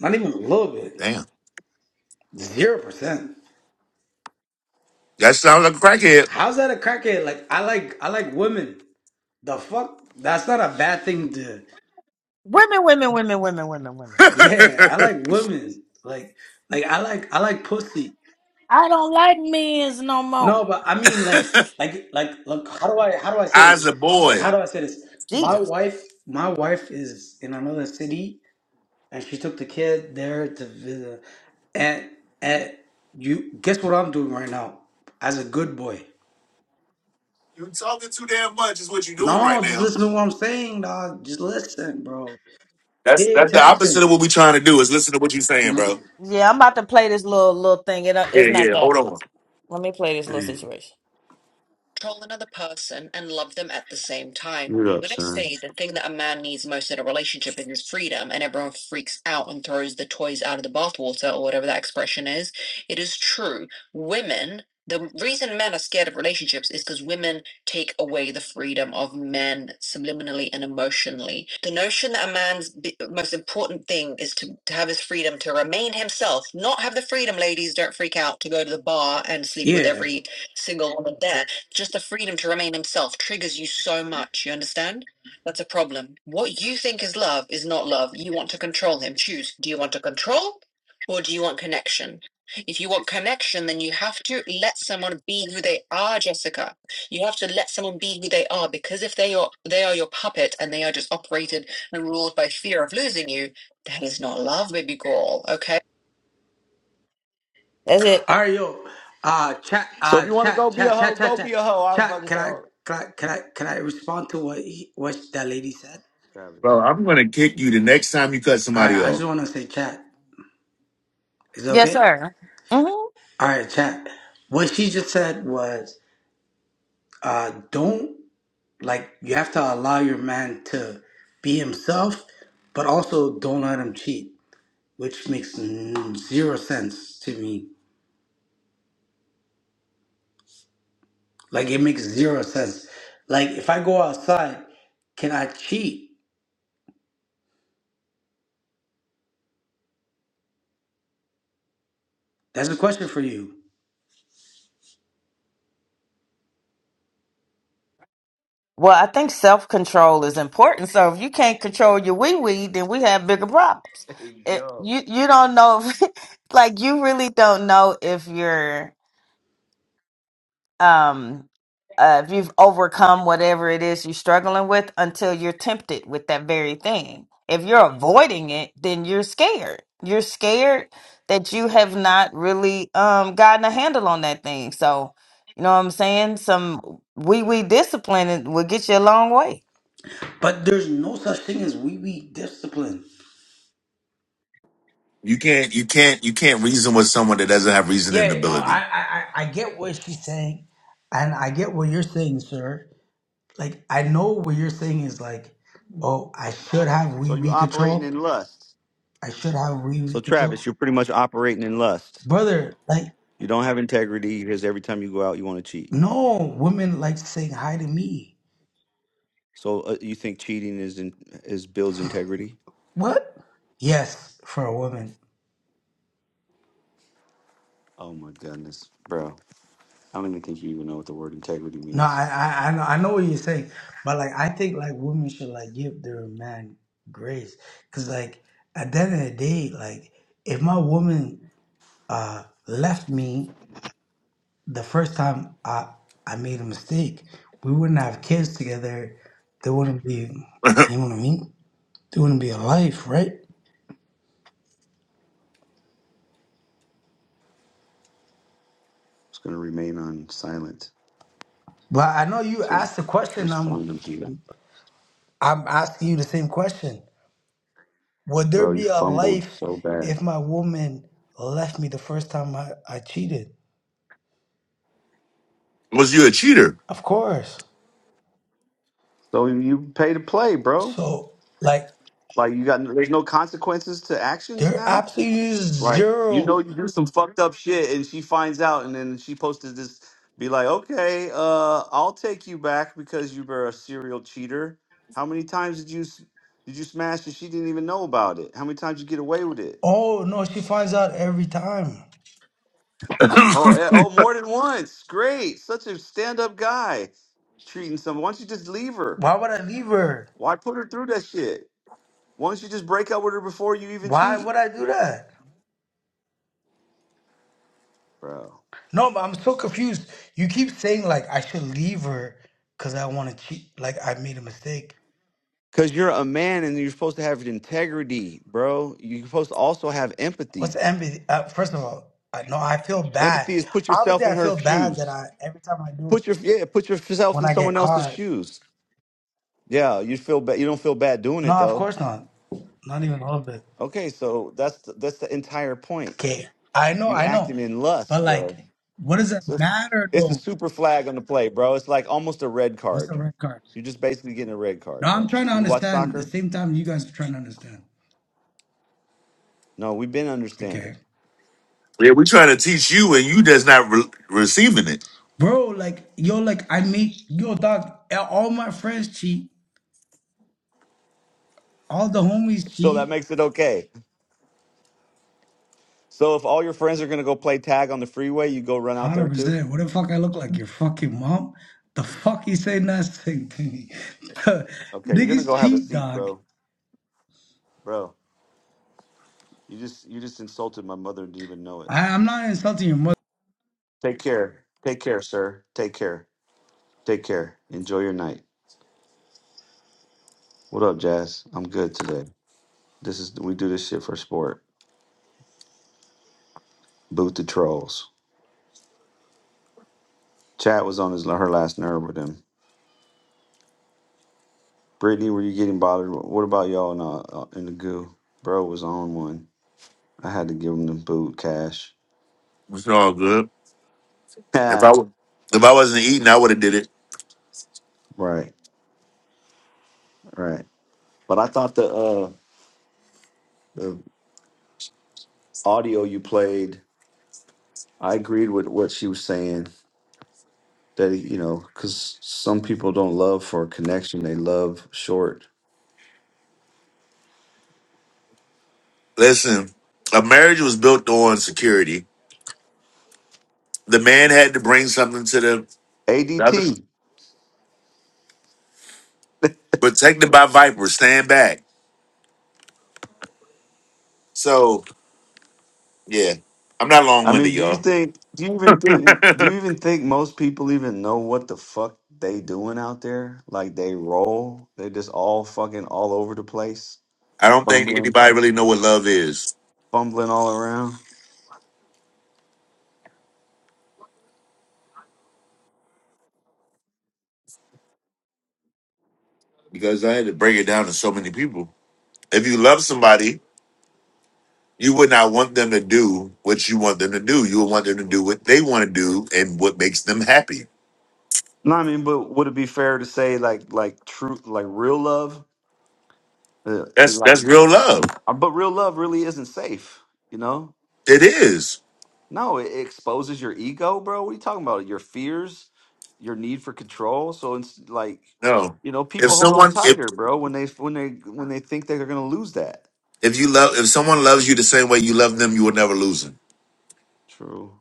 C: Not even a little bit.
B: Damn,
C: Zero percent.
B: that sounds like a
C: How's that a crackhead? Like I like I like women. The fuck? That's not a bad thing to.
H: Women, women, women, women, women, women.
C: Yeah, I
B: crackhead.
C: like women. Like like I like I like pussy.
H: I don't like men's no more.
C: No, but I mean like like like like how do I how do I say this?
B: As a boy,
C: Like how do I say this? My
H: Jesus.
C: wife my wife is in another city and she took the kid there to visit and and you guess what I'm doing right now? As a good boy.
B: you're talking too damn much. Is what you're doing right
C: No, just
B: now.
C: listen to what I'm saying, dog. Just listen, bro.
B: That's
C: Pay
B: that's the opposite
C: attention.
B: of what we're trying to do. Is listen to what you're saying,
C: Mhm.
B: bro.
H: Yeah, I'm about to play this little little thing. It, it's
B: Yeah,
H: not
B: yeah.
H: that
B: Hold
H: long.
B: on,
H: Let me play this little situation.
A: You're up, son.
C: Yeah.
H: That's it.
C: Ario, uh, chat,
A: So if
C: uh,
A: you want to go
C: chat,
A: be a
C: chat,
A: hoe,
C: chat,
A: go
C: chat, chat,
A: be a hoe. I'm
C: chat.
A: fucking
C: Can I,
A: sold,
C: can I, can I, can I respond to what he, what that lady said?
A: Travis.
B: bro. I'm gonna kick you the next time you cut
C: All
B: somebody
C: right, I
B: off.
C: just want to say, chat, is it
H: Yes,
C: okay?
H: sir.
C: All right, chat. What she just said was, uh, don't like you have to allow your man to be himself, but also don't let him cheat, which makes n- zero sense to me. Like it makes zero sense. Like if I go outside, can I cheat? That's a question for you.
H: Well, I think self control is important. So if you can't control your wee wee, then we have bigger problems.
A: Hey
H: It,
A: yo.
H: you you don't know, if, like you really don't know if you're um uh, if you've overcome whatever it is you're struggling with until you're tempted with that very thing. If you're avoiding it, then you're scared. You're scared that you have not really um gotten a handle on that thing. So you know what I'm saying? Some wee wee discipline will get you a long way.
C: But there's no such thing as we be discipline.
B: You can't you can't you can't reason with someone that doesn't have reasoning
C: Yeah, no, I,
B: ability.
C: I, I I get what she's saying, and I get what you're saying, sir. Like, I know what you're saying is like, oh, I should have
A: So
C: wee
A: you
C: wee
A: operating
C: control.
A: in lust.
C: I should have wee
A: So
C: wee control,
A: Travis, you're pretty much operating in lust.
C: brother. Like,
A: You don't have integrity because every time you go out, you want to cheat.
C: no, women like saying hi to me.
A: So uh, you think cheating is in, is builds integrity?
C: What? Yes, for a woman.
A: Oh my goodness, bro! I don't even think you even know what the word integrity
C: No,
A: means.
C: I, I, I know, I know what you're saying, but like, I think like women should like give their man grace, cause like at the end of the day, like if my woman uh left me the first time I I made a mistake, we wouldn't have kids together. There wouldn't be, you know what I mean? There wouldn't be a life, right?
A: It's going to remain on silent
C: But I know you
A: to
C: asked the question. I'm
A: respond to you.
C: I'm asking you the same question. Would there
A: Bro, you
C: be a
A: fumbled
C: life
A: so bad.
C: if my woman left me the first time I, I cheated?
B: Was you a cheater?
C: Of course.
A: So you pay to play, bro.
C: So, like,
A: Like you got there's no consequences to actions
C: there
A: now.
C: absolutely is
A: Like you know
C: zero.
A: you do some fucked up shit and she finds out and then she posted this be like, "Okay, uh I'll take you back because you were a serial cheater. How many times did you s- did you smash and she didn't even know about it? How many times you get away with it?
C: Oh, no, she finds out every time.
B: yeah,
A: more than once. Great. Such a stand up guy treating someone. Why don't you just leave her?
C: Why would I leave her?
A: Why put her through that shit? Why don't you just break up with her before you even
C: Why
A: cheat,
C: would I do that?
A: bro?
C: No, but I'm so confused. You keep saying, like, I should leave her because I want to cheat. Like, I made a mistake.
A: Because you're a man and you're supposed to have integrity, bro. You're supposed to also have
C: What's
A: empathy.
C: empathy? Uh, first of all, I know I feel bad.
A: Empathy is put
C: Obviously,
A: yourself in
C: I
A: her
C: feel bad that
A: shoes.
C: I, every time I do it,
A: Put your yeah, put yourself
C: when
A: in
C: I get
A: someone else's
C: caught.
A: shoes. Yeah, you feel bad. You don't feel bad doing
C: No,
A: it
C: of
A: though.
C: course not. Not even a little bit.
A: Okay, so that's the, that's the entire point.
C: Okay, I know,
A: You
C: I know,
A: acting in
C: but
A: lust, bro.
C: like, what does it matter
A: it's a
C: though?
A: super flag on the play, bro. It's like almost a red
C: What's the
A: card.
C: red card?
A: You're just basically getting a red
C: No,
A: card,
C: I'm
A: bro.
C: trying to
A: You watch
C: understand. The
A: soccer?
C: same time you guys are trying to understand.
A: No, we've been
C: Okay,
A: understanding.
B: we're trying to teach you, and you just not re- receiving it.
C: bro, like yo, like I meet yo, dog. eh, All my friends cheat. All the homies
A: So
C: cheat.
A: that
C: one
A: makes it okay. So if all your friends are gonna go play tag on the freeway, you go run out there
C: Hundred
A: too?
C: percent. What the fuck I look like? Your fucking mom? The fuck you say nothing to me?
A: Okay, you're gonna go
C: Niggas
A: have a
C: cheat,
A: seat,
C: dog.
A: bro. Bro, you just you just insulted my mother and didn't even know it.
C: I, I'm not insulting your mother.
A: Take care. Take care, sir. Take care. Take care. Enjoy your night. What up, Jazz? I'm good today. This is we do this shit for sport. Boot the trolls. Chad was on his her last nerve with him. Brittany, were you getting bothered? What about y'all in, uh, uh, in the goo? Bro was on one. I had to give him the boot cash.
B: It's all good. If I
A: right,
B: wa- if I wasn't eating, I would have did it.
A: right. But I thought the uh, the audio you played, I agreed with what she was saying. That you know, because some people don't love for a connection; they love short.
B: Listen, a marriage was built on security. The man had to bring something to the, the other,
A: ADT.
B: protected by vipers. Stand back. So yeah, I'm not long
A: I
B: winded,
A: mean, do you
B: y'all.
A: think? Do you even? Do you even think most people even know what the fuck they doing out there? Like they roll, they just all fucking all over the place,
B: I don't think anybody really know what love is
A: fumbling all around.
B: because I had to break it down to so many people. If you love somebody, you would not want them to do what you want them to do. You would want them to do what they want to do and what makes them happy.
A: No, I mean, but would it be fair to say like like true like real love? Uh,
B: That's that's real love.
A: uh, but real love really isn't safe, you know.
B: It is.
A: No, it, it exposes your ego, bro. What are you talking about? Your fears, your need for control. So it's like,
B: No.
A: you know, people
B: If someone if
A: here, bro, when they when they when they think that they're gonna lose that.
B: if you love if someone loves you the same way you love them, you will never lose them.
A: True.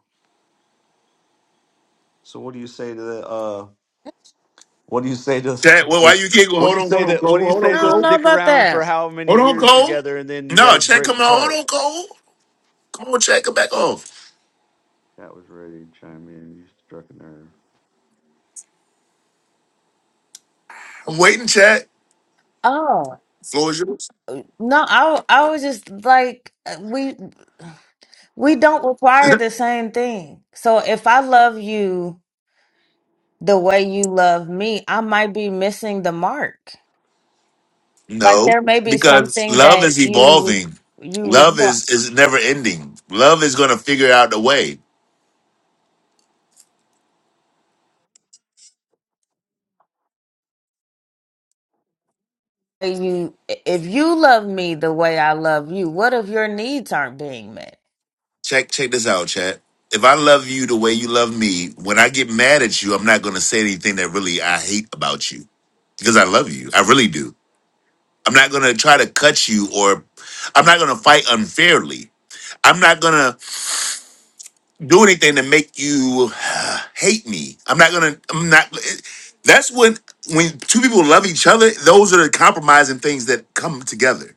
A: So what do you say to the? uh What do you say to
B: Chad, well, why you giggle? Hold
A: you
B: on,
A: say
B: hold on,
A: that we
B: Cole. Hold
H: I
B: on,
H: don't know
B: Cole.
A: stick
H: about
A: around for
H: that.
A: how many
B: Hold on, Cole.
A: together and then you guys
B: No, Chad, come on. Hold on, Cole. Come on, Chad, come back off.
A: That was ready to chime in. You struck a nerve.
B: I'm waiting, Chad.
H: Oh
B: Floor is yours.
H: no, I I was just like uh, we we don't require the same thing. So if I love you the way you love me, I might be missing the mark. Like
B: No,
H: there may be
B: because
H: something
B: love
H: that
B: is
H: you
B: evolving.
H: re- you
B: Love
H: require.
B: is is never ending. Love is going to figure out a way.
H: You, if you love me the way I love you, what if your needs aren't being met?
B: Check check this out, chat. If I love you the way you love me, when I get mad at you, I'm not going to say anything that really I hate about you because I love you. I really do. I'm not going to try to cut you or I'm not going to fight unfairly. I'm not going to do anything to make you uh, hate me. I'm not gonna. I'm not. it- That's when when two people love each other. Those are the compromising things that come together.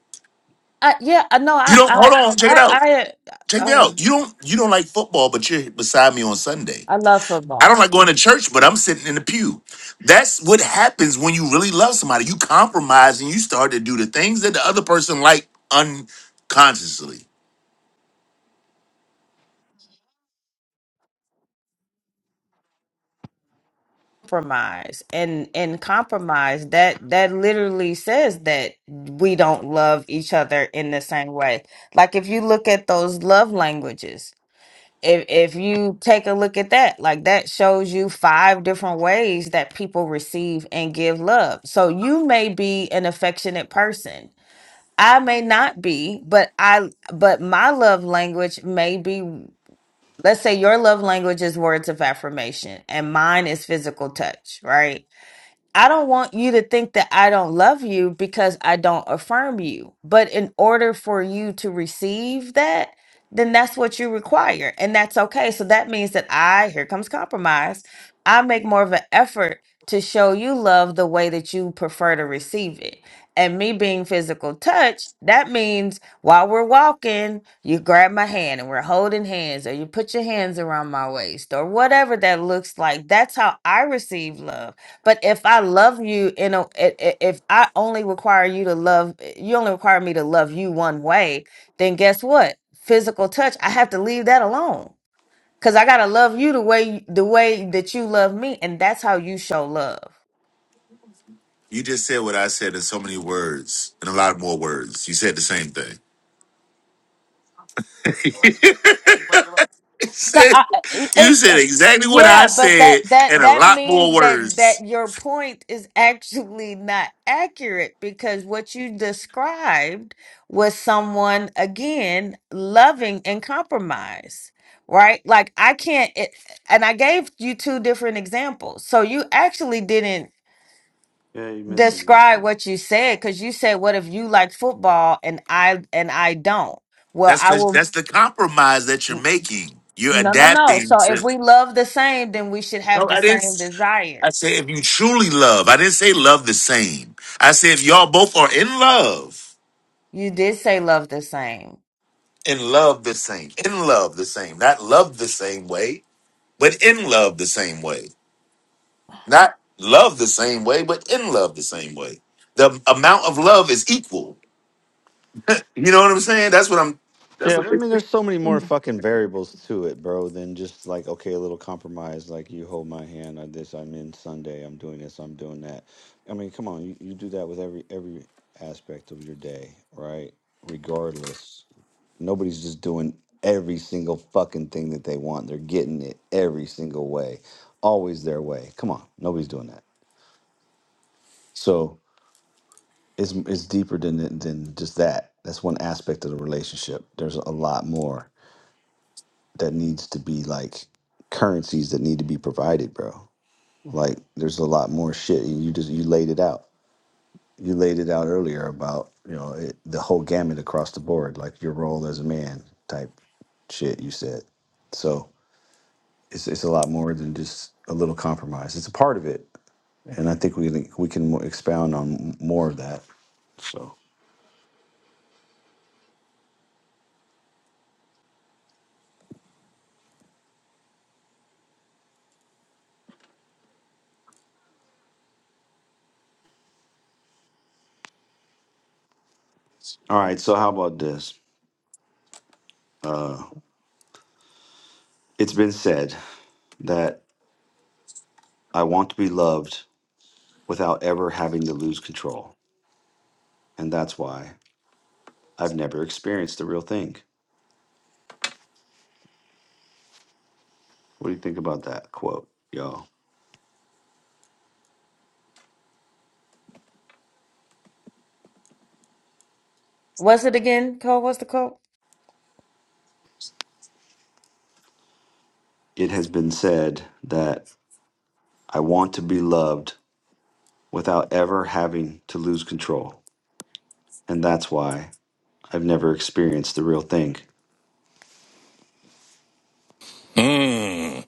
H: I, yeah, I know.
B: You
H: I,
B: don't hold
H: I,
B: on. Check it
H: I,
B: out.
H: I,
B: Check me out.
H: oh,
B: You don't. You don't like football, but you're beside me on Sunday.
H: I love football.
B: I don't like going to church, but I'm sitting in the pew. That's what happens when you really love somebody. You compromise and you start to do the things that the other person like unconsciously.
H: compromise and and compromise that that literally says that we don't love each other in the same way like if you look at those love languages if if you take a look at that like that shows you five different ways that people receive and give love so you may be an affectionate person i may not be but i but my love language may be let's say your love language is words of affirmation and mine is physical touch right I don't want you to think that I don't love you because I don't affirm you. But in order for you to receive that, then that's what you require. And that's okay. So that means that I, here comes compromise, I make more of an effort to show you love the way that you prefer to receive it. And me being physical touch, that means while we're walking, you grab my hand and we're holding hands, or you put your hands around my waist, or whatever that looks like. That's how I receive love but if I love you, you know, i- i- if I only require you to love, you only require me to love you one way, then guess what? Physical touch, I have to leave that alone because I gotta love you the way the way that you love me, and that's how you show love.
B: You just said what I said in so many words, in a lot more words. You said the same thing.
H: No,
B: said-
H: I, I-
B: you
H: I-
B: said
H: I-
B: exactly what I
H: yeah, but that
B: said
H: that
B: and a
H: that
B: lot
H: means
B: more
H: that
B: words.
H: that your point is actually not accurate because what you described was someone again loving and compromise, right? Like I can't, it, and I gave you two different examples, so you actually didn't
A: Yeah, you missed the mark.
H: describe
A: there.
H: what you said because you said, "What if you like football and I and I don't?" Well,
B: That's
H: I
B: the,
H: will.
B: that's the compromise that you're making. You're
H: No, no, no.
B: adapting
H: So if
B: to.
H: we love the same, then we should have
B: No,
H: the
B: I didn't.
H: same
B: s- I said
H: desires.
B: if you truly love. I didn't say love the same. I said if y'all both are in love,
H: You did say love the same.
B: in love the same, in love the same, not love the same way, but in love the same way, not love the same way, but in love the same way. The amount of love is equal. You know what I'm saying? That's what I'm. That's
A: Yeah, but I mean there's so many more
B: what.
A: fucking variables to it, bro, than just like okay, a little compromise, like you hold my hand on this, I'm in Sunday, I'm doing this, I'm doing that. I mean, come on, you, you do that with every every aspect of your day, right? Regardless. nobody's just doing every single fucking thing that they want. They're getting it every single way, always their way. Come on, nobody's doing that. So it's it's deeper than than just that. That's one aspect of the relationship. There's a lot more that needs to be like currencies that need to be provided, bro. Like there's a lot more shit. You just you laid it out. You laid it out earlier about you know it, the whole gamut across the board, like your role as a man type shit. You said so it's it's a lot more than just a little compromise. It's a part of it, and I think we can- we can mo- expound on more of that. So, all right. So, how about this? Uh, it's been said that I want to be loved without ever having to lose control, and that's why I've never experienced the real thing. What do you think about that quote, y'all?
H: Was it again, Cole? What's the quote?
A: It has been said that I want to be loved without ever having to lose control, and that's why I've never experienced the real thing.
I: Mm.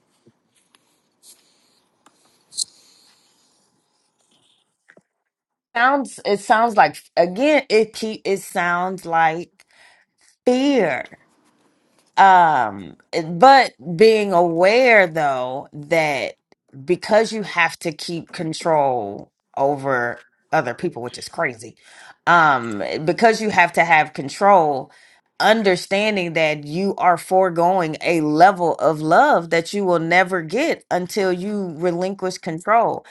H: Sounds it sounds like again, it keep it sounds like fear. um but being aware though that because you have to keep control over other people which is crazy um because you have to have control understanding that you are foregoing a level of love that you will never get until you relinquish control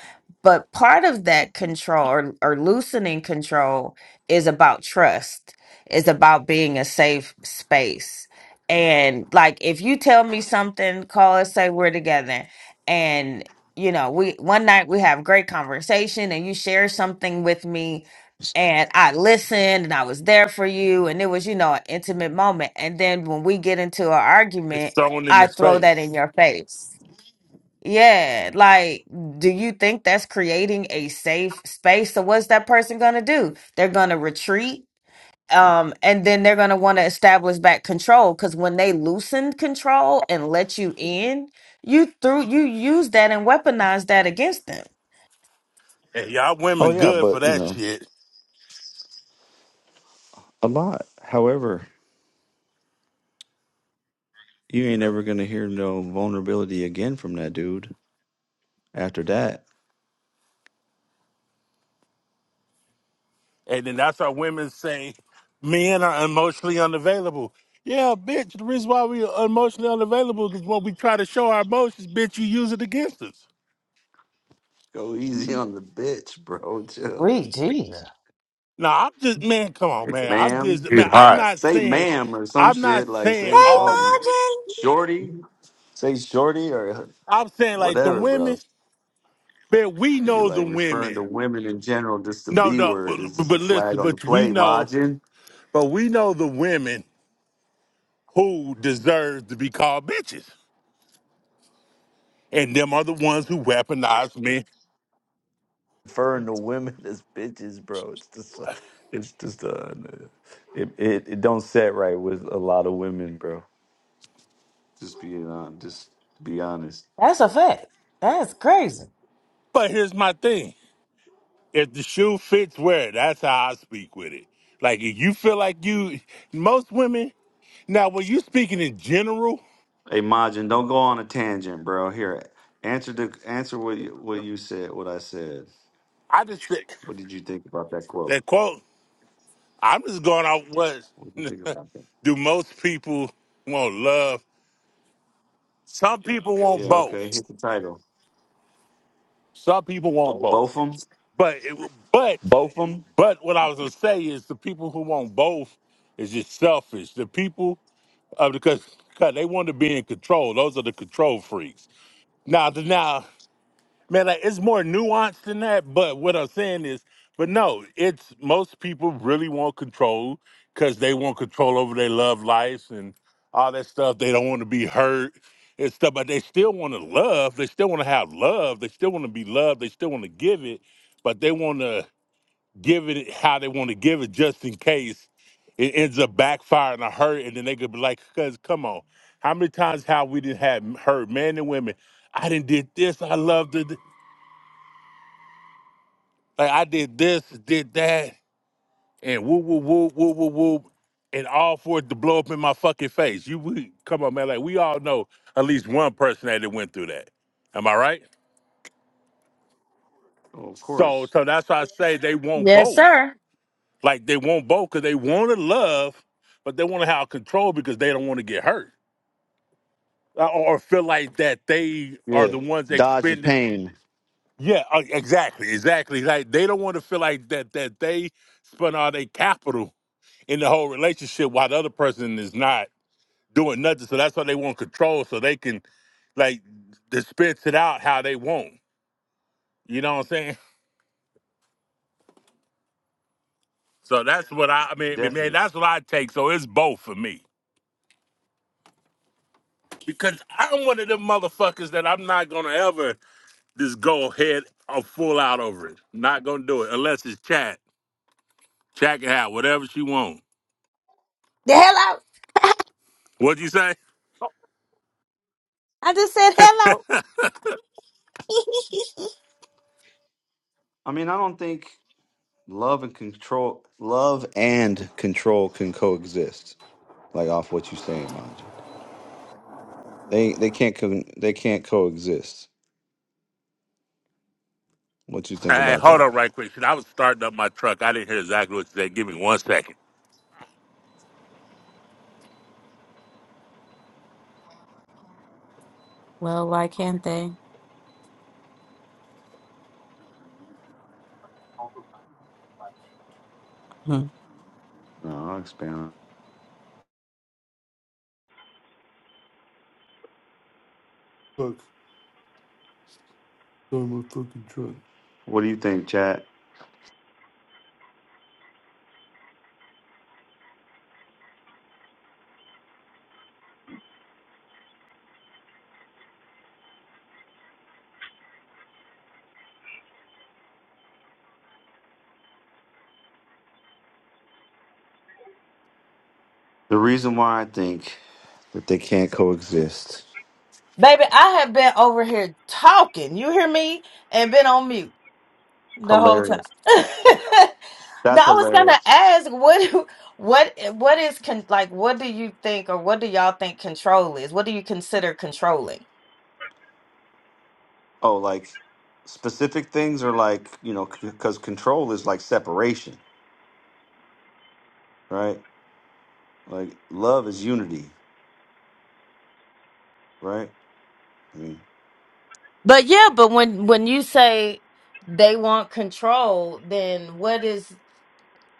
H: but part of that control or, or loosening control is about trust is about being a safe space and like if you tell me something, call us, say we're together. And you know, we one night we have great conversation and you share something with me and I listened and I was there for you and it was, you know, an intimate moment. And then when we get into an
I: It's
H: argument,
I: thrown in
H: I
I: his
H: throw that in
I: face.
H: your face. Yeah, like, do you think that's creating a safe space? So what's that person gonna do? They're gonna retreat um and then they're going to want to establish back control because when they loosened control and let you in you threw you used that and weaponized that against them
I: And y'all
A: Oh
I: women
A: yeah,
I: good for
A: but you
I: that
A: know,
I: shit.
A: a lot. However, you ain't ever gonna hear no vulnerability again from that dude after that.
I: And then that's why women say men are emotionally unavailable. Yeah, bitch, the reason why we are emotionally unavailable is when we try to show our emotions, bitch, you use it against us.
A: Go easy on the bitch, bro. Chill.
H: Sweet Jesus.
I: Now I'm just man, come on, man. I'm
A: Ma'am.
I: just
B: He's
I: man, I'm
B: hot.
I: not
A: Say
I: saying
A: ma'am or some
I: I'm not
A: shit. Like
I: saying
A: say
I: all
A: something. Shorty. Say shorty or
I: I'm saying like the
A: whatever, bro.
I: women, man, we
A: You be
I: know the
A: like referring
I: women.
A: to women in general, just the
I: No,
A: B
I: no,
A: word is
I: but
A: just
I: but
A: a flag
I: listen,
A: on the
I: but we
A: play,
I: know,
A: Majin.
I: but we know the women who deserve to be called bitches. And them are the ones who weaponize men.
A: referring to women as bitches, bro. It's just, uh, it's just, uh, it, it, it don't set right with a lot of women, bro. Just being on, just to be honest.
H: That's a fact. That's crazy.
I: But here's my thing. If the shoe fits, wear it. That's how I speak with it. Like if you feel like you most women now when you speaking in general,
A: Hey, Majin, don't go on a tangent, bro. Here, answer the answer what you, what you said, what I said.
I: I just think
A: What did you think about that quote?
I: that quote, I'm just going off
A: What did you think
I: what
A: about that?
I: do most people want love? Some people
A: Yeah,
I: want both.
A: okay. Here's the title.
I: Some people want both.
A: Both 'em?
I: But it, but
A: Both them?
I: But what I was gonna say is the people who want both is just selfish. The people uh, because because they want to be in control. Those are the control freaks. Now, the- now, man, like, it's more nuanced than that. But what I'm saying is, but no, it's most people really want control because they want control over their love lives and all that stuff. They don't want to be hurt and stuff, but they still want to love. They still want to have love. They still want to be loved. They still want to give it, but they want to give it how they want to give it just in case it ends up backfiring or hurt and then they could be like cuz come on how many times how we didn't have heard men and women i didn't did this i loved it like i did this did that and woo woo woo woo woo woo and all for it to blow up in my fucking face you we, come on man like we all know at least one person that done went through that am i right
A: Oh, of
I: so
A: course.
I: so that's why i say they want
H: yes
I: both
H: sir
I: Like they want both because they want to love, but they want to have control because they don't want to get hurt Uh, or, or feel like that they are
A: Yeah.
I: the ones
A: Dodge the
I: expending.
A: pain.
I: Yeah, uh, exactly, exactly. Like they don't want to feel like that that they spent all their capital in the whole relationship while the other person is not doing nothing. So that's why they want control, so they can like dispense it out how they want. You know what I'm saying? So that's what I, I mean, I mean, man,
A: Definitely.
I: that's what I take. So it's both for me. because I'm one of them motherfuckers that I'm not gonna ever just go ahead or full out over it. Not gonna do it unless it's chat. Chat can have whatever she want.
H: Yeah, Hello.
I: What'd you say?
H: I just said hello.
A: I mean, I don't think. love and control love and control can coexist like off what you're saying Maji. they they can't co- they can't coexist what you think
I: Hey,
A: about
I: hold
A: that
I: on right quick. shit. I was starting up my truck. I didn't hear exactly what you said. Give me one second.
E: Well, why can't they?
A: no i'll expand on Good, good, good. what do you think chad the reason why i think that they can't coexist
H: Baby, I have been over here talking. You hear me? And been on mute. the whole time.
A: hilarious that's
H: Now I was gonna
A: hilarious
H: ask what what what is con like what do you think or what do y'all think control is? What do you consider controlling?
A: oh like specific things are like you know because control is like separation right like love is unity right I mean.
H: But yeah, but when when you say they want control, then what is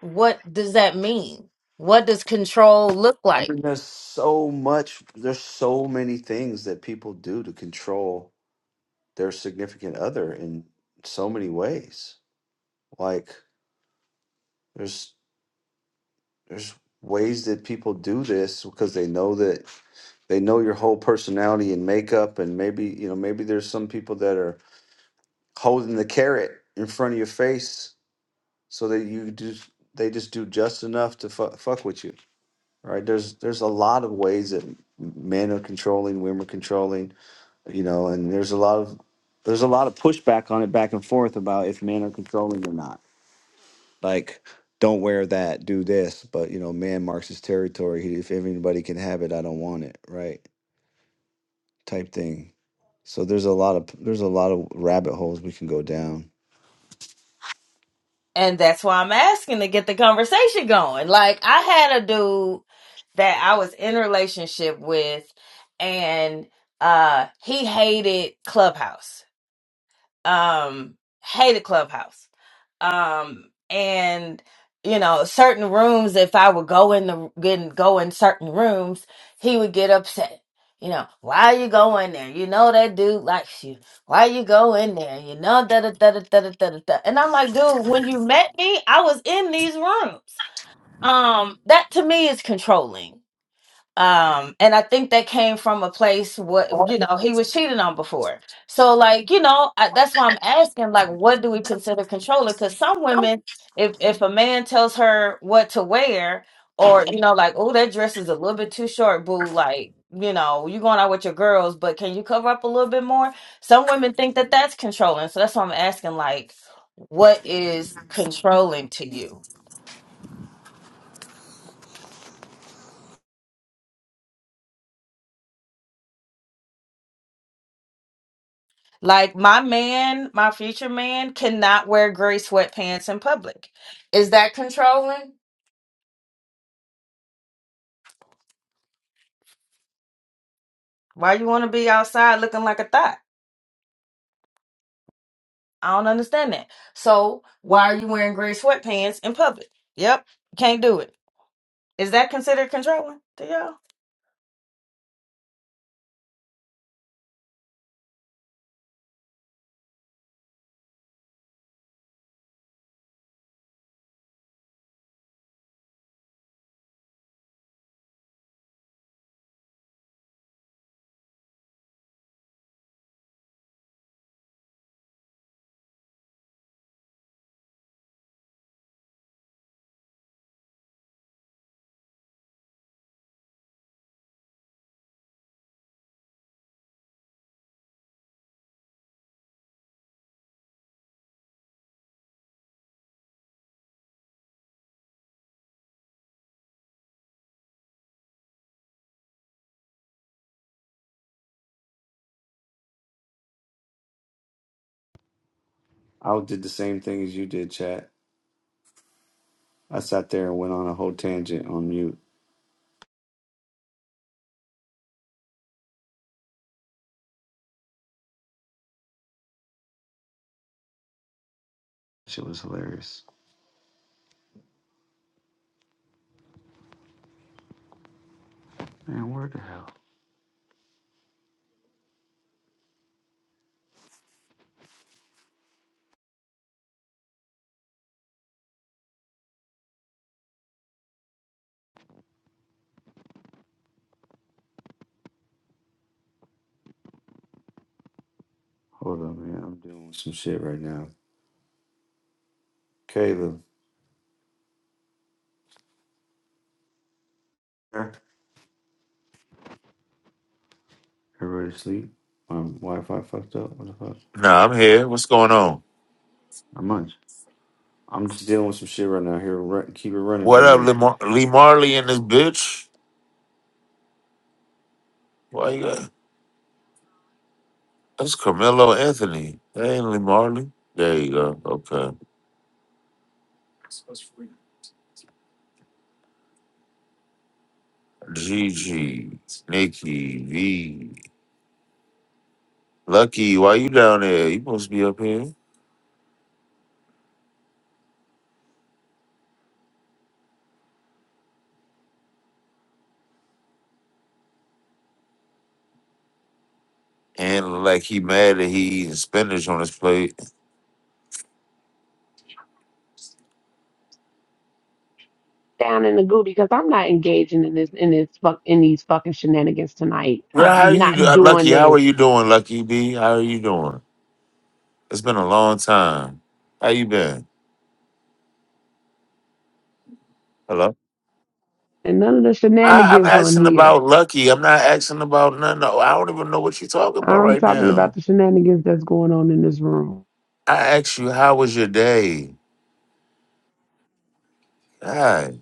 H: what does that mean? What does control look
A: I
H: like?
A: mean, there's so much, there's so many things that people do to control their significant other in so many ways. Like there's there's ways that people do this because they know that they know your whole personality and makeup and maybe, you know, maybe there's some people that are holding the carrot in front of your face so that you do they just do just enough to fu- fuck with you. Right? There's there's a lot of ways that men are controlling, women are controlling you know and there's a lot of there's a lot of pushback on it back and forth about if men are controlling or not like don't wear that do this but you know man marks his territory He- if anybody can have it i don't want it right type thing so there's a lot of there's a lot of rabbit holes we can go down
H: And that's why I'm asking to get the conversation going. Like I had a dude that I was in a relationship with and uh he hated Clubhouse um hated clubhouse um and you know certain rooms if i would go in the get go in certain rooms he would get upset you know why you go in there you know that dude likes you why you go in there you know da da da da da da da da da. and i'm like dude when you met me i was in these rooms um that to me is controlling um and i think that came from a place what you know he was cheated on before so like you know I, that's why i'm asking like what do we consider controlling because some women if if a man tells her what to wear or you know like oh that dress is a little bit too short boo like you know you going out with your girls but can you cover up a little bit more some women think that that's controlling so that's why i'm asking like what is controlling to you Like my man, my future man cannot wear gray sweatpants in public. Is that controlling? Why you want to be outside looking like a thot? I don't understand that. So why are you wearing gray sweatpants in public? Yep, can't do it. Is that considered controlling to y'all?
A: i did the same thing as you did chat i sat there and went on a whole tangent on mute shit was hilarious man where the hell hold on man i'm doing some shit right now caleb Everybody asleep. My Wi-Fi fucked up. What the fuck?
B: Nah, I'm here. What's going on?
A: Not much. I'm just dealing with some shit right now. Here, run, keep it running
B: What up, Lee, Mar- Lee Marley and this bitch? Why you got? That's Carmelo Anthony. That ain't Lee Marley. There you go. Okay. GG, Nikki, V. Lucky, why you down there? You supposed to be up here. And like he mad that he eating spinach on his plate.
J: down in the goo because I'm not engaging in this in this fuck in these fucking shenanigans tonight.
B: Girl, how
J: I'm
B: you do-
J: not
B: uh,
J: doing
B: Lucky? How are
J: this.
B: you doing, Lucky B? How are you doing? It's been a long time. How you been? Hello.
J: And none of the
B: I, I'm
J: shenanigans on
B: asking
J: here.
B: about Lucky. I'm not asking about none. No, I don't even know what you're talking about
J: I'm
B: right
J: talking about
B: now.
J: the shenanigans that's going on in this room.
B: I asked you, how was your day? God.